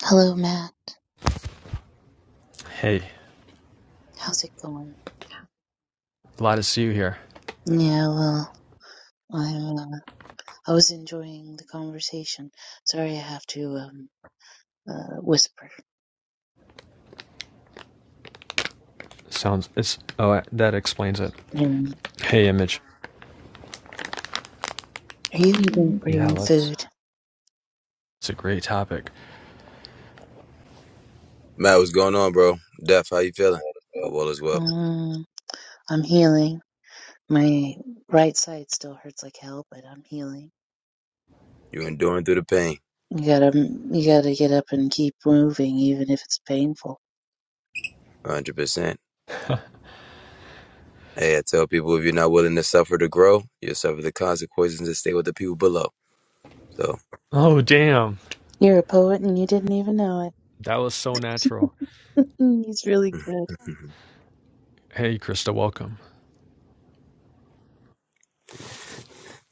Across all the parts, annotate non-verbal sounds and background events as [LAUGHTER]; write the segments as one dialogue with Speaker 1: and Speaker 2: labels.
Speaker 1: Hello, Matt.
Speaker 2: Hey,
Speaker 1: How's it going?
Speaker 2: glad to see you here.
Speaker 1: Yeah, well, I uh, I was enjoying the conversation. Sorry, I have to um uh, whisper.
Speaker 2: Sounds it's oh that explains it.
Speaker 1: And
Speaker 2: Hey, image.
Speaker 1: are you even
Speaker 2: Yeah,
Speaker 1: bringing
Speaker 2: let's.
Speaker 1: food?
Speaker 2: It's a great topic.
Speaker 3: Matt, what's going on, bro? Def, how you feeling? Hope all is well.
Speaker 1: Um, I'm healing. My right side still hurts like hell, but I'm healing.
Speaker 3: You enduring through the pain,
Speaker 1: You gotta you gotta get up and keep moving, even if it's painful.
Speaker 3: 100%. Hey, I tell people if you're not willing to suffer to grow, you'll suffer the consequences and stay with the people below. So,
Speaker 2: Oh damn,
Speaker 1: You're a poet, and you didn't even know
Speaker 2: that was so natural.
Speaker 1: it. [LAUGHS] He's
Speaker 3: [LAUGHS]
Speaker 1: really good.
Speaker 2: Hey, Krista, welcome.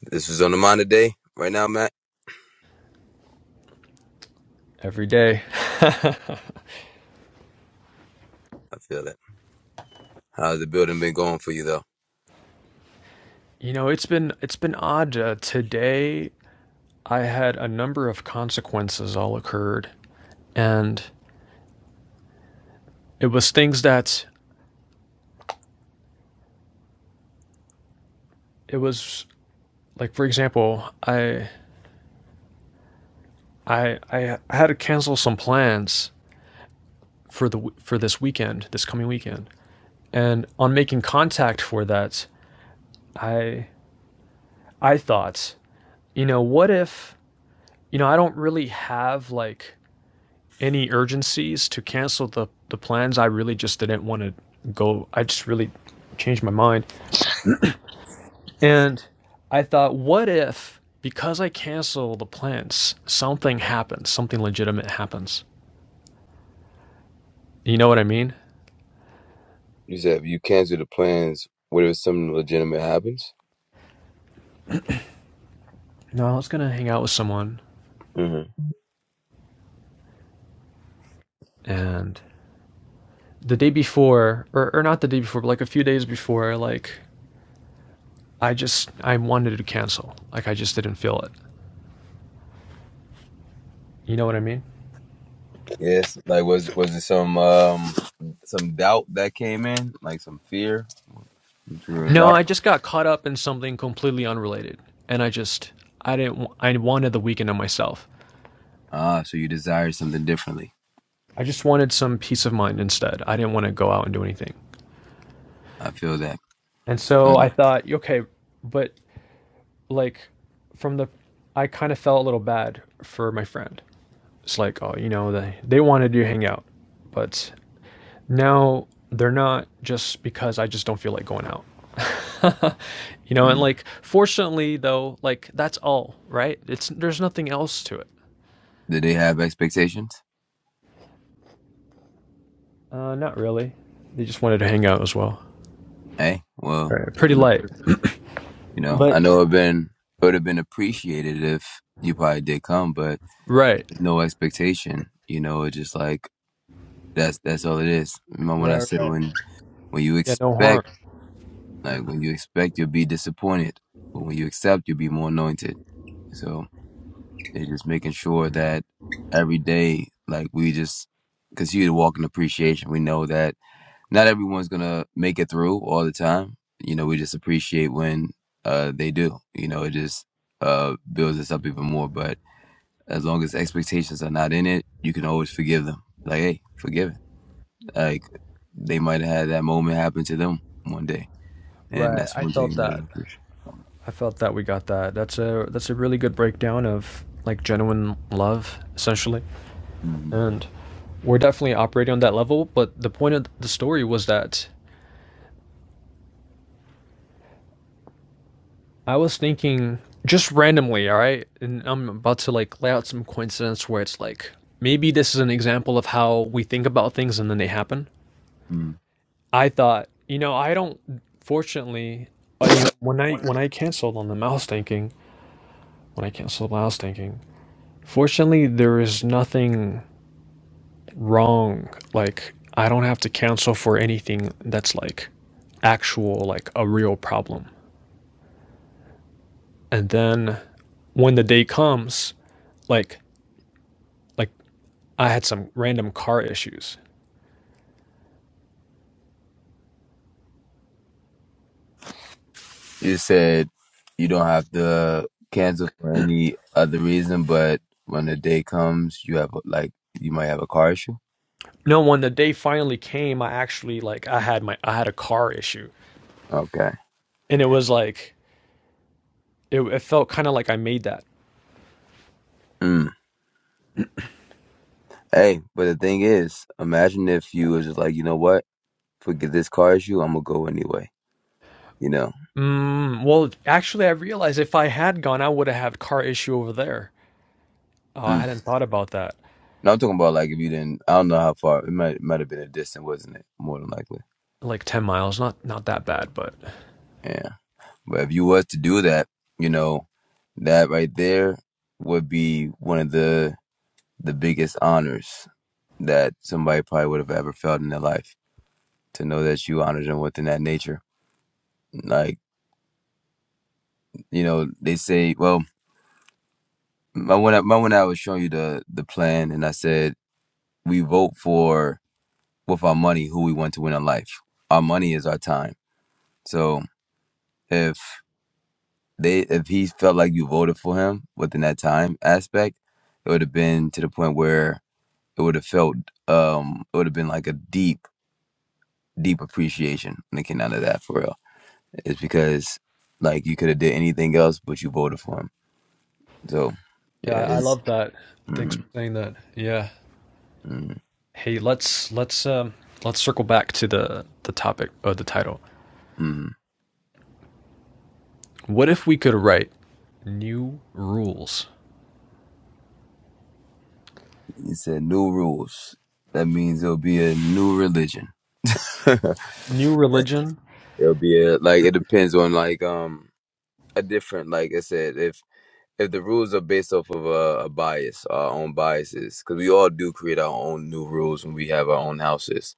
Speaker 3: this was on the mind today. Right now, Matt,
Speaker 2: Every day. [LAUGHS]
Speaker 3: I feel that. How's the building been going for you, though?
Speaker 2: you know, it's been it's been odd. Uh, today, I had a number of consequences all occurred, and it was things that it was like, for example, I I I had to cancel some plans for the for this weekend, this coming weekend And on making contact for that, I I thought, you know, what if, you know, I don't really have like any urgencies to cancel the the plans. I really just didn't want to go. I just really changed my mind. And I thought, what if because I cancel the plans, something happens, something legitimate happens. You know what I mean?
Speaker 3: You said if you cancel the plans, what if something legitimate happens?
Speaker 2: No, I was gonna hang out with someone
Speaker 3: hmm
Speaker 2: and the day before or, or not the day before but like a few days before like I just I wanted to cancel. Like I just didn't feel it. You know what I mean?
Speaker 3: Yes, like was was it some um some doubt that came in, like some fear, some true
Speaker 2: No,
Speaker 3: doubt?
Speaker 2: I just got caught up in something completely unrelated, and I just I didn't. I wanted the weekend to myself.
Speaker 3: Ah, so you desire something differently.
Speaker 2: I just wanted some peace of mind instead. I didn't want to go out and do anything.
Speaker 3: I feel that.
Speaker 2: And so
Speaker 3: Son,
Speaker 2: I thought, okay, but like from the, I kind of felt a little bad for my friend. It's like, oh, you know, they they wanted to hang out, but Now, they're not just because I just don't feel like going out. [LAUGHS] You know, and
Speaker 3: mm,
Speaker 2: like fortunately though, like that's all, right? It's there's nothing else to it.
Speaker 3: did they have expectations?
Speaker 2: Uh not really. They just wanted to hang out as well.
Speaker 3: Hey, well,
Speaker 2: Pretty
Speaker 3: salute.
Speaker 2: light.
Speaker 3: you know,
Speaker 2: But
Speaker 3: I know it been it would have been appreciated if you probably did come, but
Speaker 2: right.
Speaker 3: there's no expectation. You know, it's just like that's that's all it is. Remember when I
Speaker 2: Right.
Speaker 3: said when when you
Speaker 2: Yeah, no harm.
Speaker 3: expect, like when you expect, you'll be disappointed, but when you accept, you'll be more anointed. So it's just making sure that every day, like we just continue to walk in appreciation. We know that not everyone's gonna make it through all the time. You know, we just appreciate when uh, they do. You know, it just uh, builds us up even more. But as long as expectations are not in it, you can always forgive them. Like, hey, forgive it. Like they might have had that moment happen to them one day, and
Speaker 2: Right.
Speaker 3: that's
Speaker 2: I
Speaker 3: one
Speaker 2: felt
Speaker 3: thing that I
Speaker 2: that.
Speaker 3: appreciate.
Speaker 2: I felt that we got that. That's a that's a really good breakdown of like genuine love essentially.
Speaker 3: Mm-hmm.
Speaker 2: And we're definitely operating on that level, but the point of the story was that I was thinking just randomly, all right? And I'm about to like lay out some coincidence where it's like maybe this is an example of how we think about things and then they happen.
Speaker 3: Mm-hmm.
Speaker 2: I thought, you know, I don't fortunately uh, you know, when I when I canceled on them, I was thinking when I canceled, I was thinking, fortunately there is nothing wrong. Like I don't have to cancel for anything that's like actual like a real problem. And then when the day comes, like like I had some random car issues.
Speaker 3: You said you don't have to cancel for any other reason, but when the day comes, you have like you might have a car issue.
Speaker 2: No, when the day finally came, I actually like I had my I had a car issue,
Speaker 3: Okay.
Speaker 2: and it was like it, it felt kind of like I made that.
Speaker 3: Mm. Hey, but the thing is, imagine if you was just like, you know what? Forget this car issue. I'm gonna go anyway. You know.
Speaker 2: Mm, well, actually, I realized if I had gone, I would have had car issue over there. Oh, I
Speaker 3: Mm.
Speaker 2: hadn't thought about that.
Speaker 3: No, I'm talking about like if you didn't. I don't know how far. It might might have been a distance, wasn't it? More than likely.
Speaker 2: Like ten miles, not not that bad, but
Speaker 3: Yeah. But if you was to do that, you know, that right there would be one of the the biggest honors that somebody probably would have ever felt in their life to know that you honored them within that nature. Like you know, they say, well, my when I, my when I was showing you the the plan, and I said we vote for with our money who we want to win in life. Our money is our time. So if they if he felt like you voted for him within that time aspect, it would have been to the point where it would have felt um it would have been like a deep, deep appreciation when it came out of that for real. It's because like you could have did anything else but you voted for him. So
Speaker 2: yeah,
Speaker 3: yeah,
Speaker 2: I
Speaker 3: it's
Speaker 2: love that. Thanks
Speaker 3: mm,
Speaker 2: for saying that. Yeah.
Speaker 3: mm,
Speaker 2: Hey, let's let's um let's circle back to the the topic or the title.
Speaker 3: mm.
Speaker 2: What if we could write new rules?
Speaker 3: He said new rules. That means there'll be a new religion.
Speaker 2: New
Speaker 3: [LAUGHS]
Speaker 2: religion
Speaker 3: It'll be a, like it depends on like um a different like I said if if the rules are based off of a, a bias our own biases because we all do create our own new rules when we have our own houses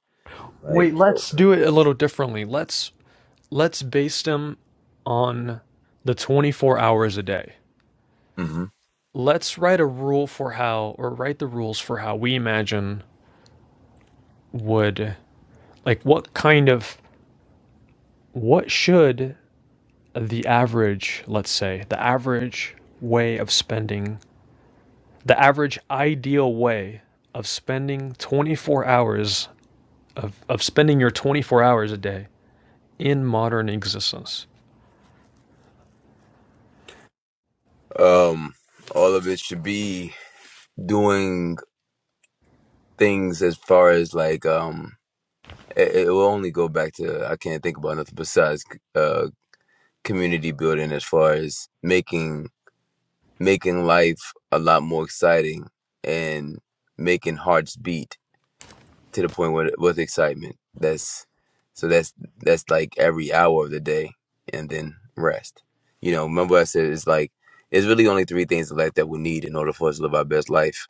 Speaker 3: like
Speaker 2: Wait, let's do it a little differently. Let's let's base them on the 24 hours a day.
Speaker 3: hmm
Speaker 2: Let's write a rule for how or write the rules for how we imagine would like what kind of what should the average, let's say, the average way of spending the average ideal way of spending 24 hours of, of spending your 24 hours a day in modern existence
Speaker 3: um all of it should be doing things as far as like um it, it will only go back to I can't think about nothing besides uh community building as far as making making life a lot more exciting and making hearts beat to the point with with excitement. That's so that's that's like every hour of the day, and then rest. You know, remember I said it's like it's really only three things in life that we need in order for us to live our best life.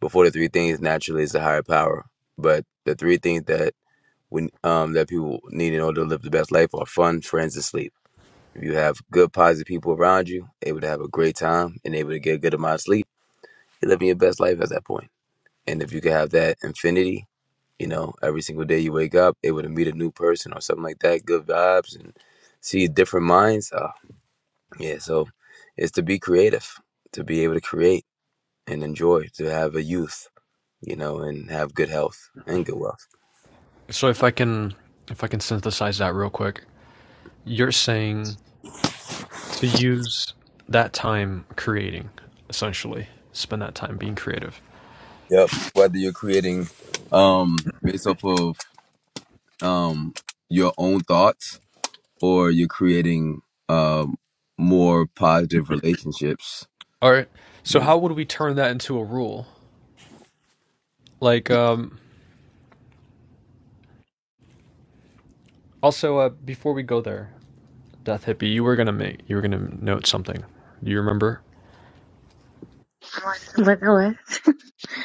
Speaker 3: Before the three things, naturally, is a higher power. But the three things that we um that people need in order to live the best life are fun, friends, and sleep. If you have good, positive people around you, able to have a great time, and able to get a good amount of sleep, you're living your best life at that point. And if you could have that infinity, you know, every single day you wake up, able to meet a new person or something like that, good vibes and see different minds. Uh, yeah, so it's to be creative, to be able to create and enjoy, to have a youth, you know, and have good health and good wealth.
Speaker 2: So if I can if I can synthesize that real quick, you're saying to use that time creating, essentially. Spend that time being creative.
Speaker 3: Yep. Whether you're creating um based off of um your own thoughts or you're creating um more positive relationships.
Speaker 2: All right. So
Speaker 3: Mm.
Speaker 2: how would we turn that into a rule? Like um also uh before we go there, Death Hippie, you were going to make you were going to note something. Do you remember?
Speaker 1: What? What?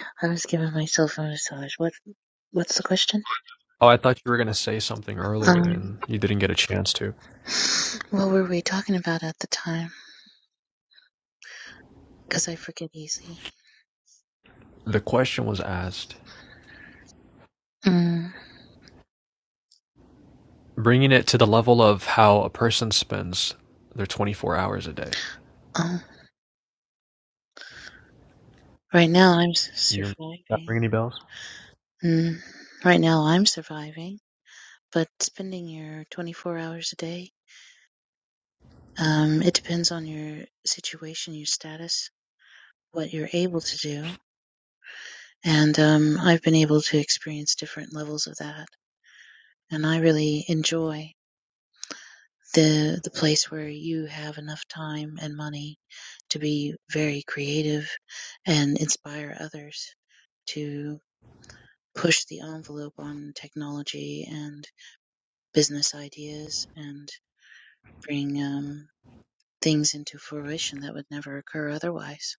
Speaker 1: [LAUGHS] I was giving myself a massage. What? What's the question?
Speaker 2: Oh, I thought you were going to say something
Speaker 1: Um,
Speaker 2: earlier and you didn't get a chance to.
Speaker 1: what were we talking about at the time? Because I forget easy.
Speaker 2: The question was asked,
Speaker 1: Mm,
Speaker 2: bringing it to the level of how a person spends their 24 hours a day.
Speaker 1: oh, right now I'm s-
Speaker 2: You're, Not
Speaker 1: surviving.
Speaker 2: ring any bells?
Speaker 1: Mm, right now I'm surviving, but spending your 24 hours a day, um, it depends on your situation, your status, what you're able to do. And um, I've been able to experience different levels of that. And I really enjoy. the the place where you have enough time and money to be very creative and inspire others to push the envelope on technology and business ideas and bring um, things into fruition that would never occur otherwise.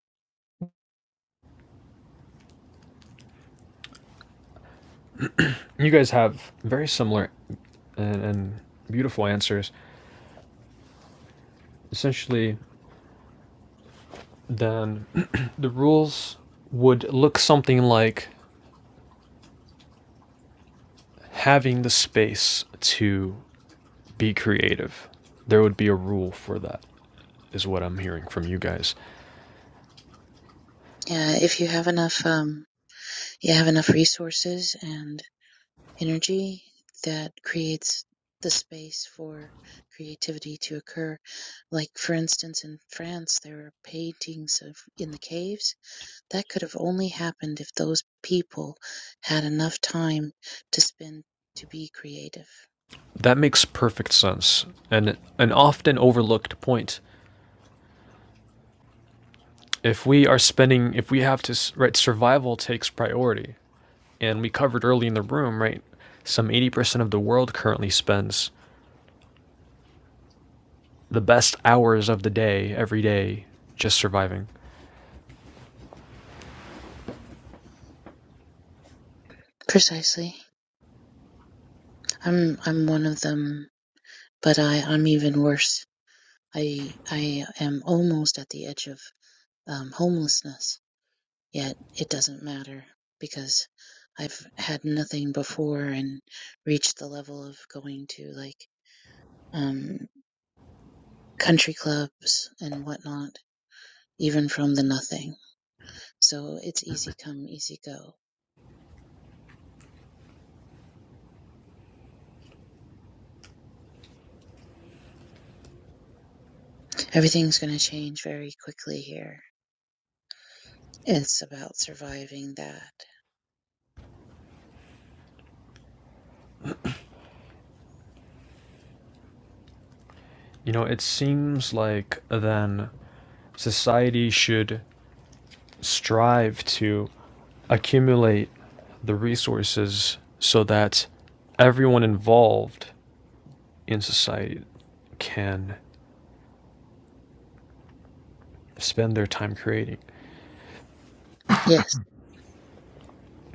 Speaker 2: you guys have very similar and, and beautiful answers. Essentially, then [CLEARS THROAT] the rules would look something like having the space to be creative. There would be a rule for that, is what I'm hearing from you guys.
Speaker 1: Yeah, if you have enough, um, you have enough resources and. energy that creates the space for creativity to occur. Like, for instance, in France, there are paintings of in the caves. That could have only happened if those people had enough time to spend to be creative.
Speaker 2: That makes perfect sense and an often overlooked point. If we are spending, if we have to, right, survival takes priority. and we covered early in the room, right? Some 80% of the world currently spends the best hours of the day every day just surviving.
Speaker 1: Precisely. I'm I'm one of them, but I I'm even worse. I I am almost at the edge of um, homelessness Yet it doesn't matter because I've had nothing before and reached the level of going to like um, country clubs and whatnot, even from the nothing. So it's easy come, easy go. Everything's going to change very quickly here. It's about surviving that.
Speaker 2: You know, it seems like then society should strive to accumulate the resources so that everyone involved in society can spend their time creating.
Speaker 1: Yes,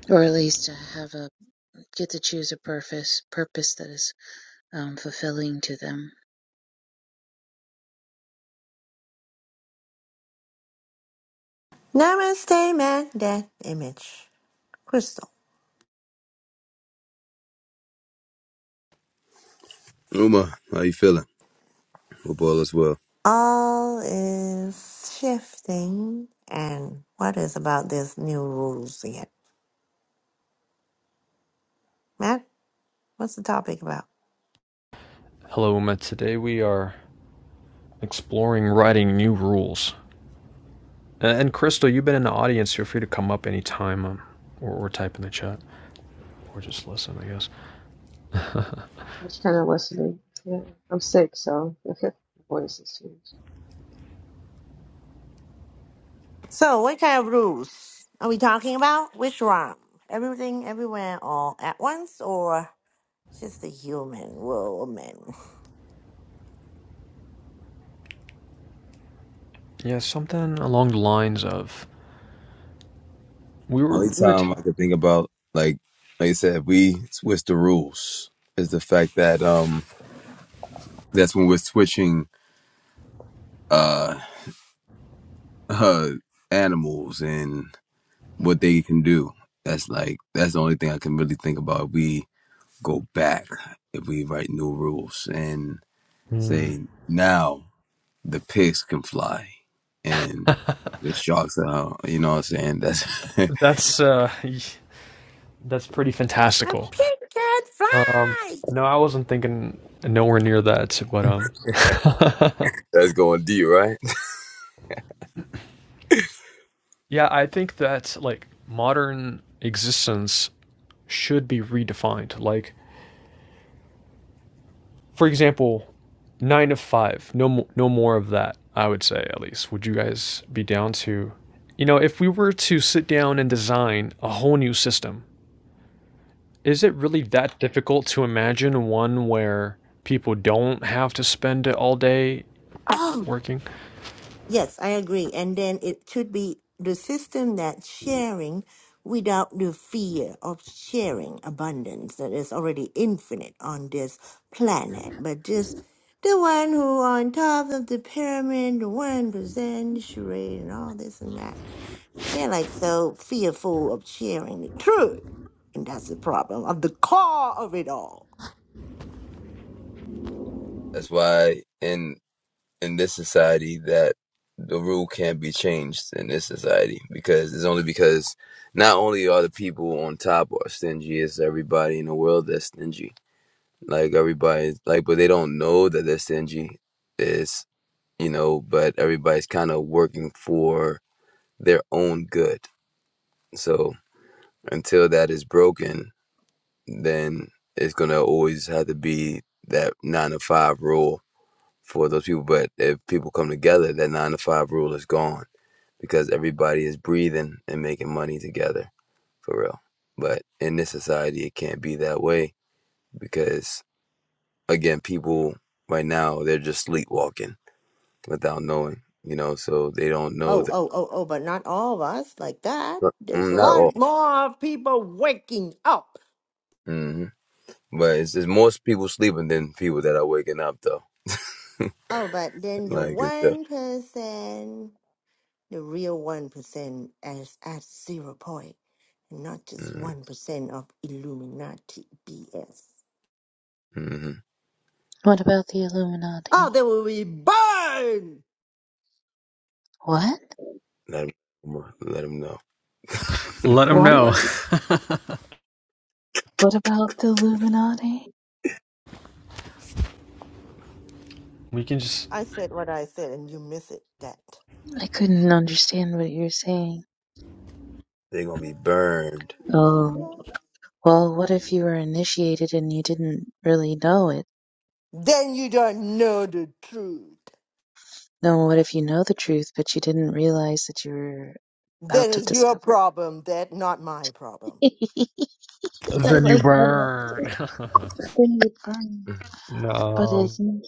Speaker 1: or at least to have a get to choose a purpose purpose that is um, fulfilling to them.
Speaker 4: Namaste, man. That image. Crystal.
Speaker 3: Uma, how you feeling? Hope all is well.
Speaker 4: All is shifting. And what is about these new rules again? Matt, what's the topic about?
Speaker 2: Hello, Uma. Today we are exploring writing new rules Uh, and Crystal, you've been in the audience. Feel free to come up anytime um, or, or type in the chat or just listen, I guess.
Speaker 5: That's kind of listening. Yeah, I'm sick, so [LAUGHS] my voice has changed.
Speaker 4: So, what kind of rules are we talking about? Which one? Everything, everywhere, all at once, or just the human woman?
Speaker 2: Yeah, something along the lines of we were
Speaker 3: Only
Speaker 2: we were
Speaker 3: time I
Speaker 2: talking.
Speaker 3: could think about, like, like I said, we switch the rules is the fact that um that's when we're switching uh, [LAUGHS] uh animals and what they can do. That's like that's the only thing I can really think about. If we go back, if we write new rules and
Speaker 2: Hmm.
Speaker 3: say now the pigs can fly and the sharks are, you know what I'm saying? That's
Speaker 2: that's uh, [LAUGHS] that's pretty
Speaker 4: A
Speaker 2: fantastical.
Speaker 4: pig can
Speaker 2: Um, no, I wasn't thinking nowhere near that, but um, [LAUGHS]
Speaker 3: [LAUGHS] that's going deep, right?
Speaker 2: yeah, I think that like modern existence should be redefined. Like, for example, nine to five. No, no more of that. I would say at least. Would you guys be down to, you know, if we were to sit down and design a whole new system, is it really that difficult to imagine one where people don't have to spend it all day
Speaker 4: fly! [CLEARS THROAT]
Speaker 2: working?
Speaker 4: Yes, I agree. And then it should be the system that sharing without the fear of sharing abundance that is already infinite on this planet, but just the one who on top of the pyramid, the one percent charade and all this and that. They're like so fearful of sharing the truth. And that's the problem of the core of it all.
Speaker 3: That's why. in in this society that the rule can't be changed in this society because it's only because not only are the people on top are stingy, it's everybody in the world that's stingy. Like everybody, like, but they don't know that they're stingy. Is you know, but everybody's kind of working for their own good. So until that is broken, then it's gonna always have to be that nine to five rule for those people. But if people come together, that nine to five rule is gone because everybody is breathing and making money together for real. But in this society, it can't be that way because, again, people right now they're just sleepwalking without knowing, you know, so they don't know
Speaker 4: Oh,
Speaker 3: that.
Speaker 4: oh, oh, oh, but not all of us like that. There's
Speaker 3: Mm,
Speaker 4: a
Speaker 3: Not all,
Speaker 4: lot more people waking up
Speaker 3: hmm but it's, it's most people sleeping than people that are waking up though.
Speaker 4: Oh, but then the
Speaker 3: Like, it's the,
Speaker 4: one percent, the real one percent, is at zero point, and not just one percent of Illuminati BS.
Speaker 3: mm-hmm.
Speaker 1: What about the
Speaker 4: Oh,
Speaker 1: Illuminati?
Speaker 4: they will be burned.
Speaker 1: What?
Speaker 3: let them let them know
Speaker 2: Let them know.
Speaker 1: What?
Speaker 2: [LAUGHS]
Speaker 1: What about the Illuminati?
Speaker 2: We can just
Speaker 4: I said what I said, and you miss it. That.
Speaker 1: I couldn't understand what you were saying.
Speaker 3: they're gonna be burned. [CLEARS THROAT]
Speaker 1: Oh, well, what if you were initiated and you didn't really know it?
Speaker 4: Then you don't know the truth.
Speaker 1: No, what if you know the truth, but you didn't realize that you were
Speaker 4: That
Speaker 1: about to
Speaker 4: is your
Speaker 1: discover
Speaker 4: problem. That not my problem.
Speaker 1: it? [LAUGHS] I
Speaker 2: then you
Speaker 1: like that.
Speaker 2: burn.
Speaker 1: answer. Bring it on.
Speaker 3: Mhm.
Speaker 2: [LAUGHS]
Speaker 1: But
Speaker 2: No,
Speaker 1: isn't,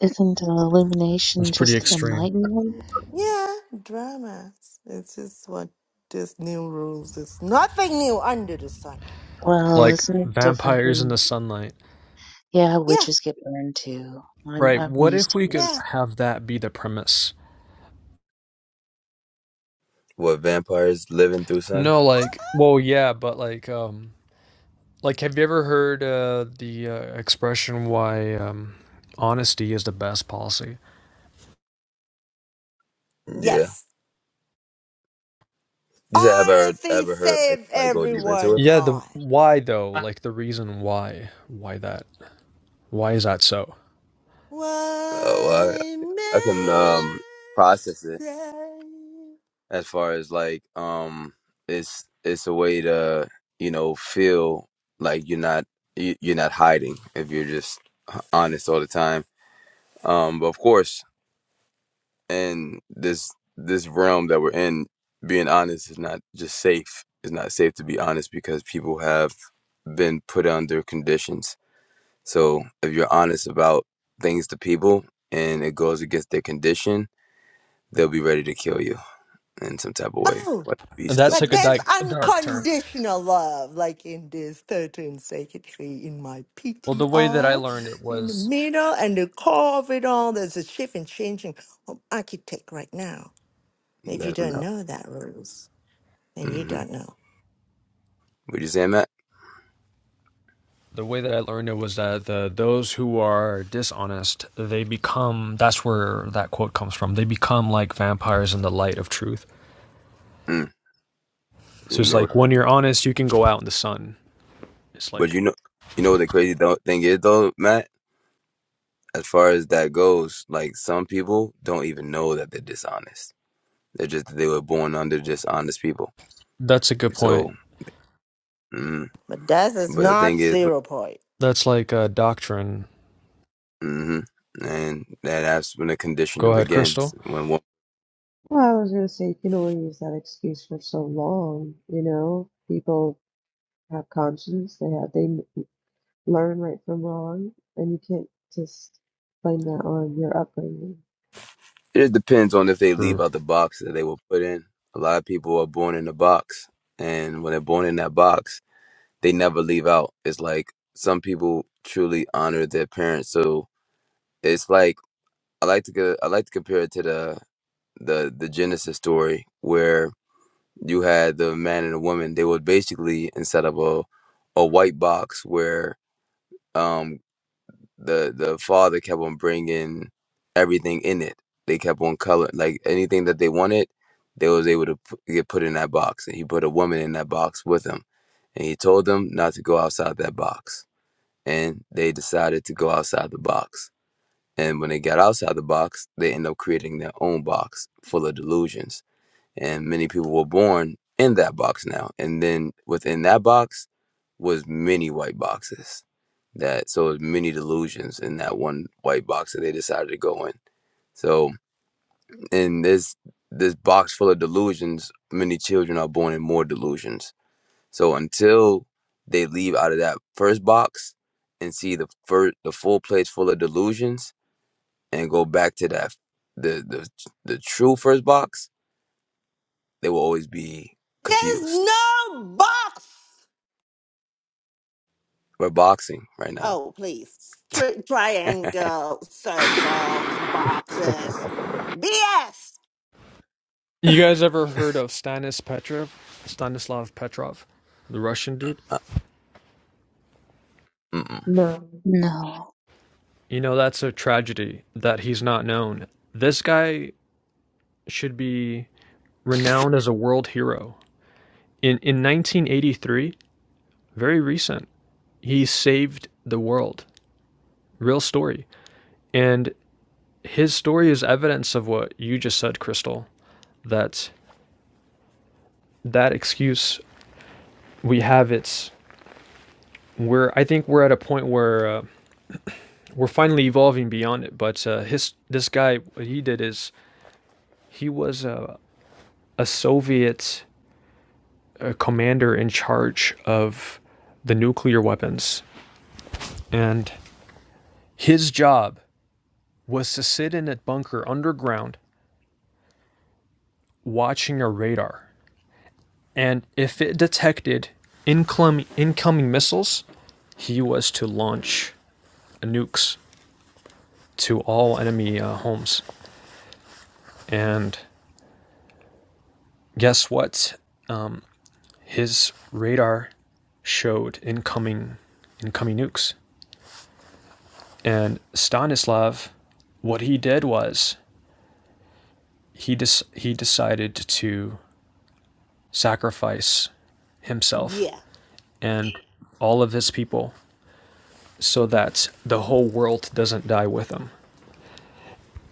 Speaker 1: isn't an illumination
Speaker 2: that's pretty
Speaker 1: just
Speaker 2: extreme.
Speaker 1: enlightenment?
Speaker 4: Yeah, dramas. It's just what this new rules is. Nothing new under the sun.
Speaker 1: Well,
Speaker 2: Like,
Speaker 1: isn't it different
Speaker 2: Vampires in the
Speaker 1: than,
Speaker 2: sunlight.
Speaker 1: yeah,
Speaker 4: Yeah,
Speaker 1: witches get burned too. I'm,
Speaker 2: Right.
Speaker 1: I'm
Speaker 2: What
Speaker 1: used
Speaker 2: if
Speaker 1: to
Speaker 2: we could
Speaker 1: this.
Speaker 4: yeah.
Speaker 2: have that be the premise?
Speaker 3: What vampires living through, sun?
Speaker 2: No, like, well, yeah, but like, um, like, have you ever heard uh, the uh, expression why um, honesty is the best policy?
Speaker 3: Yeah.
Speaker 4: Yes.
Speaker 3: You said, have I ever,
Speaker 4: Honesty
Speaker 3: ever heard like,
Speaker 4: save
Speaker 3: like go deep into it?
Speaker 4: everyone
Speaker 2: Yeah, the
Speaker 4: time.
Speaker 2: why though, like the reason why, why that, why is that so?
Speaker 3: Oh, well,
Speaker 4: Why
Speaker 3: I I can um
Speaker 4: man
Speaker 3: process it
Speaker 4: say-
Speaker 3: as far as like um it's it's a way to you know feel like you're not you- you're not hiding if you're just h- honest all the time. Um, but of course, in this this realm that we're in, being honest is not just safe. It's not safe to be honest because people have been put under conditions. So if you're honest about things to people and it goes against their condition, they'll be ready to kill you. in some type of way.
Speaker 4: Oh,
Speaker 3: What be stoned?
Speaker 2: That's
Speaker 4: but
Speaker 2: like a,
Speaker 4: there's
Speaker 2: di- a dark term.
Speaker 4: unconditional love, like in this 13 secretary in my
Speaker 2: Well, the way that I
Speaker 4: PTR.
Speaker 2: learned it
Speaker 4: In the
Speaker 2: was
Speaker 4: middle and the core of it all, there's a shift and changing of architect right now. If you
Speaker 3: Let them
Speaker 4: don't
Speaker 3: know.
Speaker 4: know that rules, then you
Speaker 3: Mm-hmm.
Speaker 4: don't know.
Speaker 3: What you saying, Matt?
Speaker 2: the way that I learned it was that the those who are dishonest, they become. That's where that quote comes from. They become like vampires in the light of truth.
Speaker 3: Mm.
Speaker 2: So
Speaker 3: You
Speaker 2: it's
Speaker 3: know,
Speaker 2: like when you're honest, you can go out in the sun. It's
Speaker 3: but
Speaker 2: like
Speaker 3: you know, you know what the crazy tho- thing is though, Matt. As far as that goes, like some people don't even know that they're dishonest. They're just they were born under dishonest people.
Speaker 2: That's a good
Speaker 3: So,
Speaker 2: point.
Speaker 3: mm.
Speaker 4: But that is
Speaker 3: but the
Speaker 4: not
Speaker 3: thing is,
Speaker 4: 0.0. point.
Speaker 2: That's like a doctrine.
Speaker 3: mm-hmm. and that, that's when the
Speaker 2: Go
Speaker 3: conditioning
Speaker 2: ahead,
Speaker 3: begins.
Speaker 2: Crystal.
Speaker 3: When one,
Speaker 5: Well, I was gonna say you can only use that excuse for so long. You know, people have conscience. They have they m- learn right from wrong, and you can't just blame that on your upbringing.
Speaker 3: it just depends on if they leave
Speaker 2: True.
Speaker 3: out the box that they were put in. A lot of people are born in a box, and when they're born in that box, they never leave out. It's like some people truly honor their parents. So it's like I like to co- I like to compare it to the the the Genesis story where you had the man and the woman. They would basically instead of a a white box where um the the father kept on bringing everything in it. They kept on color like anything that they wanted. They was able to p- get put in that box, and he put a woman in that box with him, and he told them not to go outside that box and they decided to go outside the box. And when they got outside the box, they end up creating their own box full of delusions. And many people were born in that box now. And then within that box was many white boxes. That so many delusions in that one white box that they decided to go in. So in this this box full of delusions, many children are born in more delusions so until they leave out of that first box and see the first, the full place full of delusions and go back to that the the the true first box, they will always be
Speaker 4: There's
Speaker 3: confused.
Speaker 4: no box.
Speaker 3: We're boxing right now.
Speaker 4: Oh, please. Tri- triangle, circles, boxes. BS.
Speaker 2: You guys ever heard of Stanis Petrov? Stanislav Petrov, the Russian dude?
Speaker 3: Uh, mm-mm.
Speaker 5: No,
Speaker 1: No.
Speaker 2: You know, that's a tragedy that he's not known. This guy should be renowned as a world hero. In in 1983, very recent, he saved the world. Real story. And his story is evidence of what you just said, Crystal. That that excuse we have it's we're I think we're at a point where uh, we're finally evolving beyond it. But uh, his this guy, what he did is he was a, a Soviet uh, commander in charge of the nuclear weapons, and his job was to sit in a bunker underground watching a radar, and if it detected incoming incoming missiles, he was to launch nukes to all enemy uh, homes. And guess what? his radar showed incoming incoming nukes. And Stanislav, what he did was he dis- he decided to sacrifice himself
Speaker 4: Yeah.
Speaker 2: and all of his people so that the whole world doesn't die with him.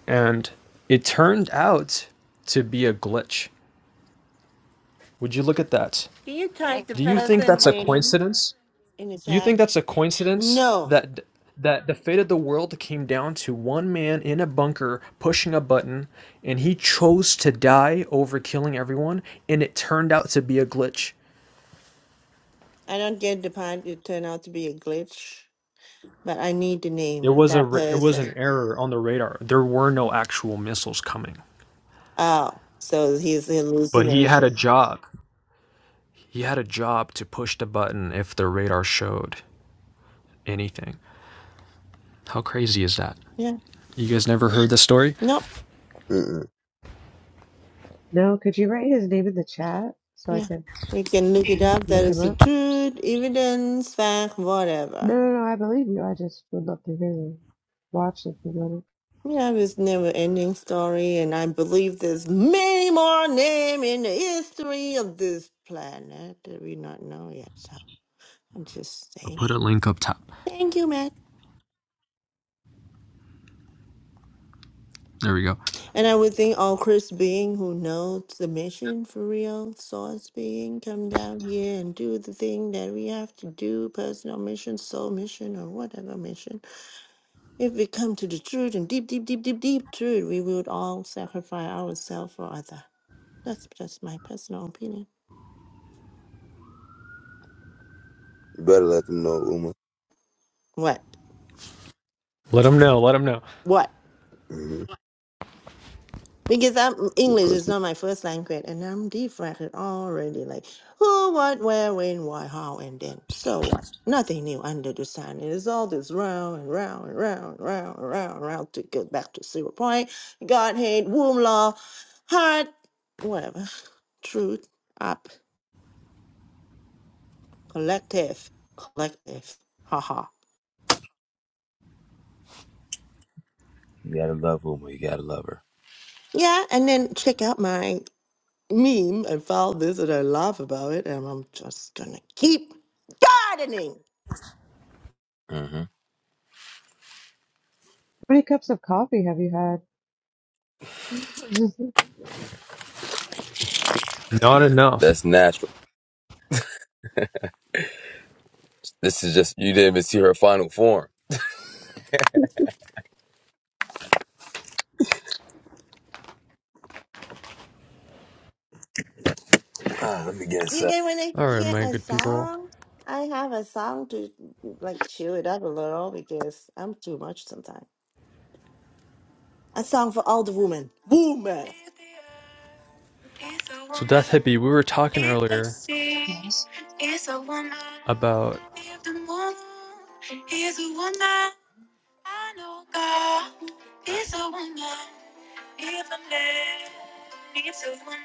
Speaker 2: And it turned out to be a glitch. Would you look at that?
Speaker 4: Can you type the
Speaker 2: Do you think
Speaker 4: person
Speaker 2: that's a
Speaker 4: name?
Speaker 2: coincidence?
Speaker 4: In the
Speaker 2: Do you
Speaker 4: chat.
Speaker 2: think that's a coincidence
Speaker 4: No,
Speaker 2: that that the fate of the world came down to one man in a bunker pushing a button and he chose to die over killing everyone and it turned out to be a glitch.
Speaker 4: I don't get the part. It turned out to be a glitch, but I need the
Speaker 2: It
Speaker 4: name of
Speaker 2: was a
Speaker 4: that
Speaker 2: ra- it was an
Speaker 4: person.
Speaker 2: error on the radar. There were no actual missiles coming.
Speaker 4: Oh, so he's
Speaker 2: But he had a
Speaker 4: hallucination.
Speaker 2: job. He had a job to push the button if the radar showed anything. How crazy is that?
Speaker 4: Yeah.
Speaker 2: You guys never heard the story?
Speaker 4: Nope.
Speaker 3: Mm-mm.
Speaker 5: no. Could you write his name in the chat so I
Speaker 4: Yeah.
Speaker 5: can
Speaker 4: We can look it up. That
Speaker 5: look
Speaker 2: Yeah.
Speaker 5: him
Speaker 4: is the
Speaker 5: up?
Speaker 4: truth, evidence, fact, whatever.
Speaker 5: No, no, no. I believe you. I just would love to hear you watch it. You know,
Speaker 4: Yeah, it's never ending story, and I believe there's many more name in the history of this planet that we not know yet. So I'm just
Speaker 2: I'll
Speaker 4: saying.
Speaker 2: put a link up top.
Speaker 4: Thank you, Matt.
Speaker 2: There we go.
Speaker 4: And I would think all Chris being who knows the mission for real, source being, come down here and do the thing that we have to do, personal mission, soul mission, or whatever mission. If we come to the truth and deep, deep, deep, deep, deep truth, we would all sacrifice ourselves for other. That's just my personal opinion.
Speaker 3: You better let them know, Uma.
Speaker 4: What?
Speaker 2: Let them know. Let them know.
Speaker 4: What?
Speaker 3: hmm
Speaker 4: Because I'm
Speaker 3: The
Speaker 4: English is
Speaker 3: person.
Speaker 4: not my first language, and I'm distracted already. Like who, what, where, when, why, how, and then. So what? Nothing new under the sun. It is all this round and round and round and round and round and round to get back to zero point. Godhead, womb law, heart, whatever. Truth up, collective, collective. Haha.
Speaker 3: You gotta love Uma. You gotta love her.
Speaker 4: Yeah, and then check out my meme and found this and I laugh about it and I'm just gonna keep gardening.
Speaker 3: hmm
Speaker 5: how many cups of coffee have you had? [LAUGHS]
Speaker 2: Not enough.
Speaker 3: That's natural. This is just you didn't even see her final form. Ah, let me get
Speaker 4: You
Speaker 3: inside.
Speaker 4: get when I
Speaker 2: All right,
Speaker 4: hear
Speaker 2: my
Speaker 4: a
Speaker 2: good people.
Speaker 4: song, I have a song to like chew it up a little because I'm too much sometimes. A song for all the women. Woman. If the earth is a
Speaker 2: So,
Speaker 4: woman,
Speaker 2: Death Hippie, we were talking
Speaker 4: if the
Speaker 2: earlier
Speaker 4: sea
Speaker 1: Yes.
Speaker 4: is a woman,
Speaker 2: about.
Speaker 4: if the moon is a woman, I know God is a woman. Even there, needs a woman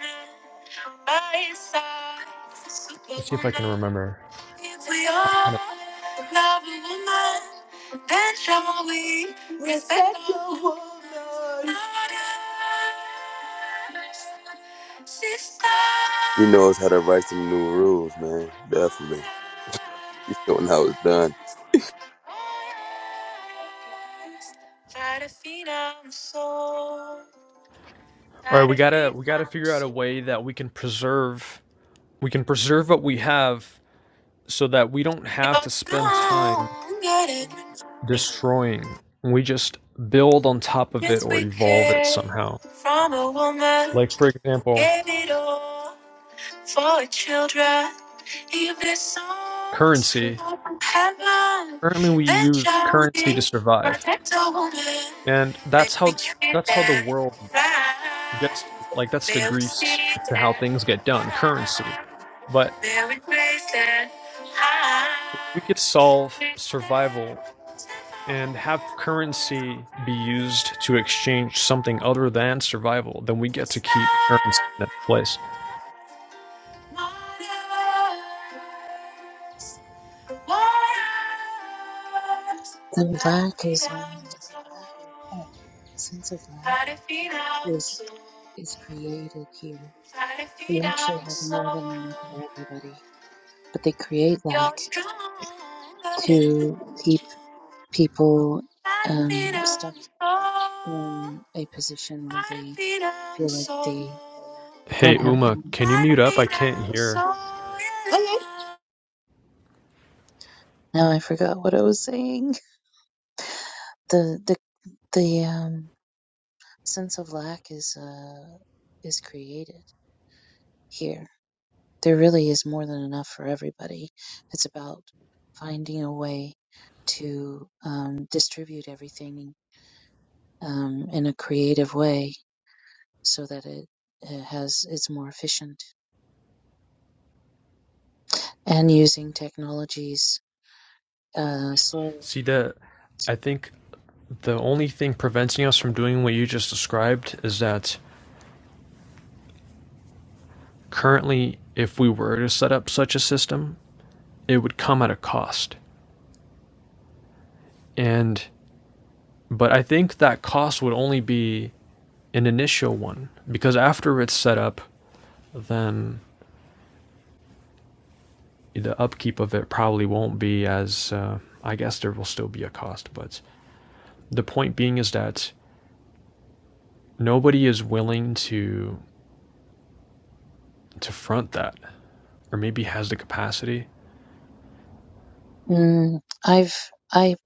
Speaker 4: by your side,
Speaker 2: Let's see if I
Speaker 4: superwoman.
Speaker 2: can remember.
Speaker 4: If we
Speaker 2: I
Speaker 4: all
Speaker 2: kind of.
Speaker 4: love a woman, then shall we respect a woman. Mothers,
Speaker 3: He
Speaker 4: sisters,
Speaker 3: knows how to write some new rules, man. Definitely. He's showing how it's done.
Speaker 4: mothers, warriors, fight a phenom soul.
Speaker 2: All right,
Speaker 4: That
Speaker 2: we
Speaker 4: I
Speaker 2: gotta
Speaker 4: feel
Speaker 2: we gotta
Speaker 4: I'm
Speaker 2: figure out a
Speaker 4: so
Speaker 2: way that we can preserve we can preserve what we have so that we don't have
Speaker 4: You're
Speaker 2: to spend time
Speaker 4: stronger than
Speaker 2: destroying. We just build on top of it
Speaker 4: yes
Speaker 2: or
Speaker 4: we
Speaker 2: evolve it
Speaker 4: came
Speaker 2: somehow.
Speaker 4: from a woman.
Speaker 2: Like for example,
Speaker 4: Gave it all for the children. If their souls
Speaker 2: currency.
Speaker 4: are from heaven,
Speaker 2: Currently, we
Speaker 4: then
Speaker 2: use
Speaker 4: shall
Speaker 2: currency to
Speaker 4: we
Speaker 2: survive,
Speaker 4: protect a woman.
Speaker 2: and
Speaker 4: May
Speaker 2: that's
Speaker 4: we
Speaker 2: how
Speaker 4: treat
Speaker 2: that's how the
Speaker 4: them
Speaker 2: world gets to,
Speaker 4: right.
Speaker 2: like that's the
Speaker 4: May we see
Speaker 2: grease to how
Speaker 4: them.
Speaker 2: things get done, currency. But
Speaker 4: May we praise them
Speaker 2: if we
Speaker 4: high.
Speaker 2: could solve
Speaker 4: You're
Speaker 2: survival and have currency be used to exchange something other than survival, then we get to keep currency in its place.
Speaker 1: And lack is only a sense of lack is is created here. We actually have more than enough for everybody, but they create lack
Speaker 4: stronger than me.
Speaker 1: to keep people
Speaker 4: Gotta
Speaker 1: um,
Speaker 4: feed
Speaker 1: stuck
Speaker 4: on the soul.
Speaker 1: in a position where they feel like they don't
Speaker 2: Hey
Speaker 1: have.
Speaker 2: Uma, can you mute up? I can't hear.
Speaker 4: Okay.
Speaker 1: Now I forgot what I was saying. The the the um, sense of lack is uh, is created here there really is more than enough for everybody. It's about finding a way to um, distribute everything um, in a creative way so that it, it has it's more efficient and using technologies. Uh, so
Speaker 2: See that I think the only thing preventing us from doing what you just described is that currently if we were to set up such a system, it would come at a cost. And But I think that cost would only be an initial one because after it's set up, then the upkeep of it probably won't be as. Uh, I guess there will still be a cost, but the point being is that nobody is willing to to front that, or maybe has the capacity.
Speaker 1: mm, I've I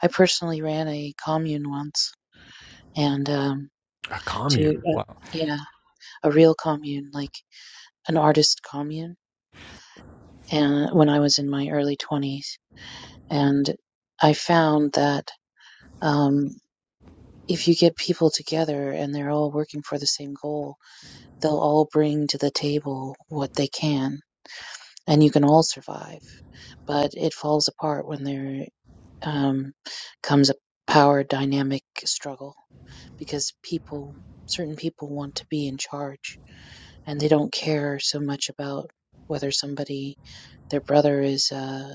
Speaker 1: I personally ran a commune once and um,
Speaker 2: A
Speaker 1: to
Speaker 2: commune.
Speaker 1: uh,
Speaker 2: Wow.
Speaker 1: yeah a real commune like an artist commune and when I was in my early twenties And I found that um, if you get people together and they're all working for the same goal, they'll all bring to the table what they can, and you can all survive. But it falls apart when there um, comes a power dynamic struggle because people, certain people, want to be in charge and they don't care so much about whether somebody, their brother, is uh,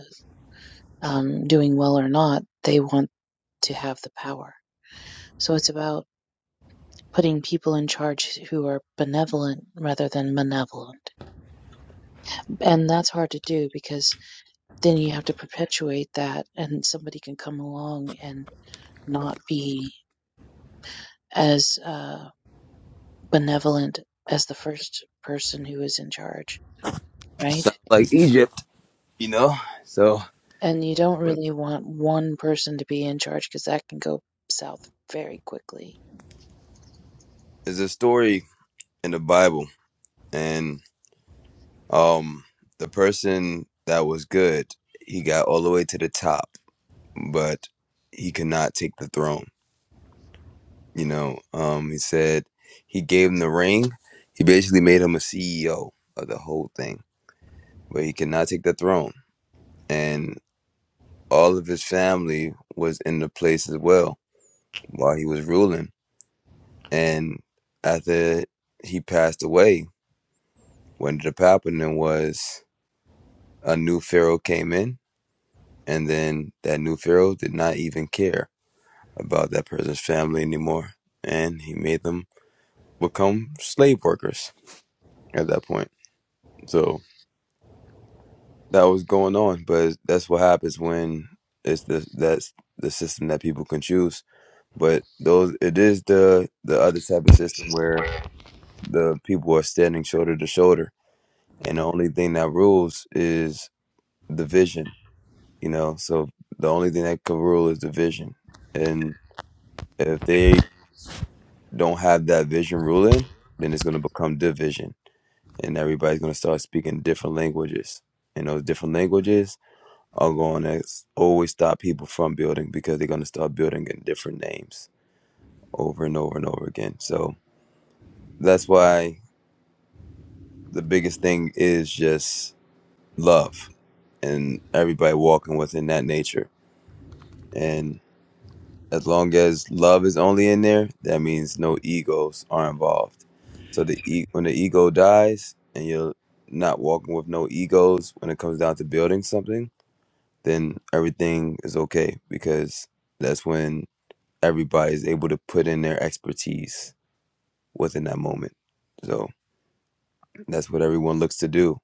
Speaker 1: um, doing well or not. They want to have the power So it's about putting people in charge who are benevolent rather than malevolent. And that's hard to do because then you have to perpetuate that, and somebody can come along and not be as uh, benevolent as the first person who is in charge, right?
Speaker 3: sounds like Egypt, you know. So
Speaker 1: And you don't
Speaker 3: when-
Speaker 1: really want one person to be in charge because that can go south very quickly.
Speaker 3: there's a story in the Bible, and um, the person that was good, he got all the way to the top, but he could not take the throne. You know, um, he said he gave him the ring. He basically made him a CEO of the whole thing, but he could not take the throne, and all of his family was in the place as well while he was ruling. And after he passed away, What ended up happening was a new pharaoh came in, and then that new pharaoh did not even care about that person's family anymore, and he made them become slave workers at that point. So that was going on, but that's what happens when it's the that's the system that people can choose. But those it is the the other type of system where the people are standing shoulder to shoulder, and the only thing that rules is division you know. So the only thing that can rule is the vision, and if they don't have that vision ruling, then it's going to become division, and everybody's going to start speaking different languages, and those different languages are going to always stop people from building because they're going to start building in different names over and over and over again. So that's why the biggest thing is just love and everybody walking within that nature. and. As long as love is only in there, that means no egos are involved. So the e- when the ego dies and you're not walking with no egos when it comes down to building something, then everything is okay because that's when everybody is able to put in their expertise within that moment. So that's what everyone looks to do.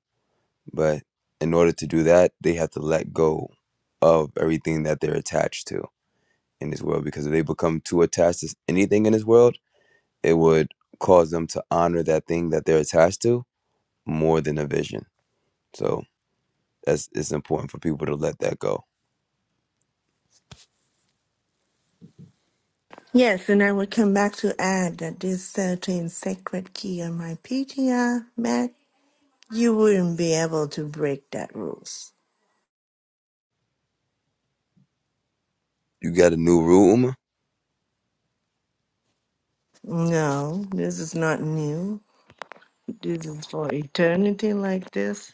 Speaker 3: But in order to do that, they have to let go of everything that they're attached to in this world because if they become too attached to anything in this world, it would cause them to honor that thing that they're attached to more than a vision. So that's it's important for people to let that go.
Speaker 4: Yes, and I will come back to add that this certain sacred key on my PTR, Matt, you wouldn't be able to break that rules.
Speaker 3: You got a new room.
Speaker 4: No, this is not new. This is for eternity like this.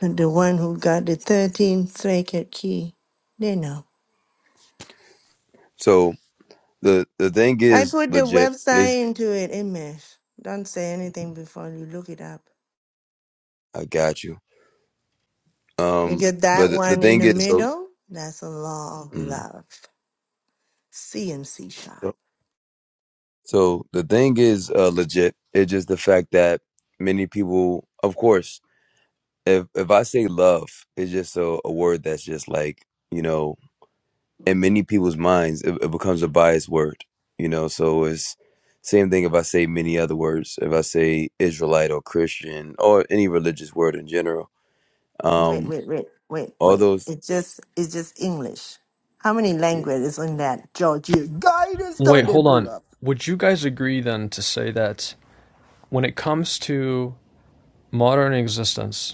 Speaker 4: And the one who got the 13th sacred key, they know.
Speaker 3: So the the thing
Speaker 4: I
Speaker 3: is
Speaker 4: put the
Speaker 3: legit is
Speaker 4: website into it, Image. Don't say anything before you look it up.
Speaker 3: I got you.
Speaker 4: We
Speaker 3: Um
Speaker 4: get
Speaker 3: but
Speaker 4: that
Speaker 3: the, the
Speaker 4: one in
Speaker 3: thing
Speaker 4: the
Speaker 3: is so,
Speaker 4: middle. That's a law of
Speaker 3: mm.
Speaker 4: love. C and C sharp.
Speaker 3: so so the thing is uh, legit. It's just the fact that many people of course if if I say love, it's just a, a word that's just like, you know, in many people's minds it, it becomes a biased word you know so it's same thing if i say many other words if i say israelite or christian or any religious word in general
Speaker 4: Wait,
Speaker 3: um
Speaker 4: wait, wait, wait,
Speaker 3: all
Speaker 4: wait.
Speaker 3: those
Speaker 4: It's just it's just English. How many languages in that Georgia guidance
Speaker 2: Wait,
Speaker 4: done they
Speaker 2: hold
Speaker 4: blew
Speaker 2: on.
Speaker 4: up?
Speaker 2: Would you guys agree then to say that when it comes to modern existence,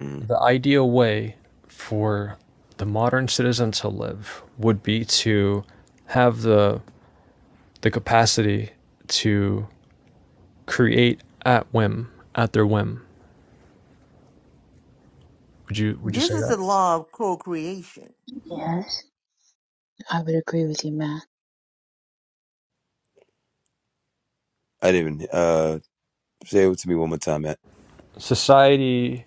Speaker 3: mm,
Speaker 2: the ideal way for the modern citizen to live would be to have the the capacity to create at whim, at their whim. Would you would you
Speaker 4: This
Speaker 2: say
Speaker 4: is
Speaker 2: that?
Speaker 4: the law of co-creation.
Speaker 1: Yes, I would agree with you, Matt.
Speaker 3: i didn't even uh say it to me one more time Matt.
Speaker 2: Society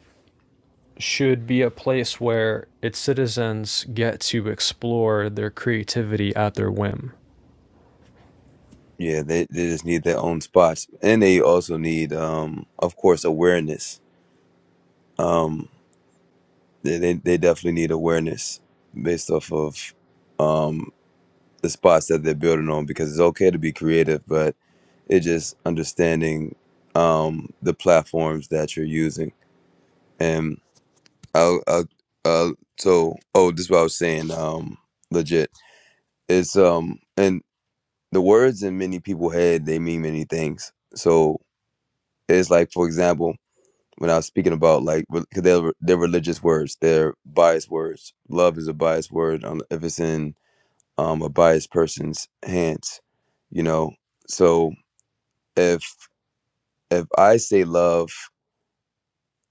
Speaker 2: should be a place where its citizens get to explore their creativity at their whim.
Speaker 3: yeah they, they just need their own spots and they also need um of course awareness um they, they, they definitely need awareness based off of um the spots that they're building on because it's okay to be creative but It's just understanding um, the platforms that you're using. And I'll, I'll, uh, so, oh, this is what I was saying. Um, legit, it's um, and the words in many people's head they mean many things. So it's like, for example, when I was speaking about like, because they're they're religious words, they're biased words. Love is a biased word um, if it's in um, a biased person's hands, you know. So if if I say love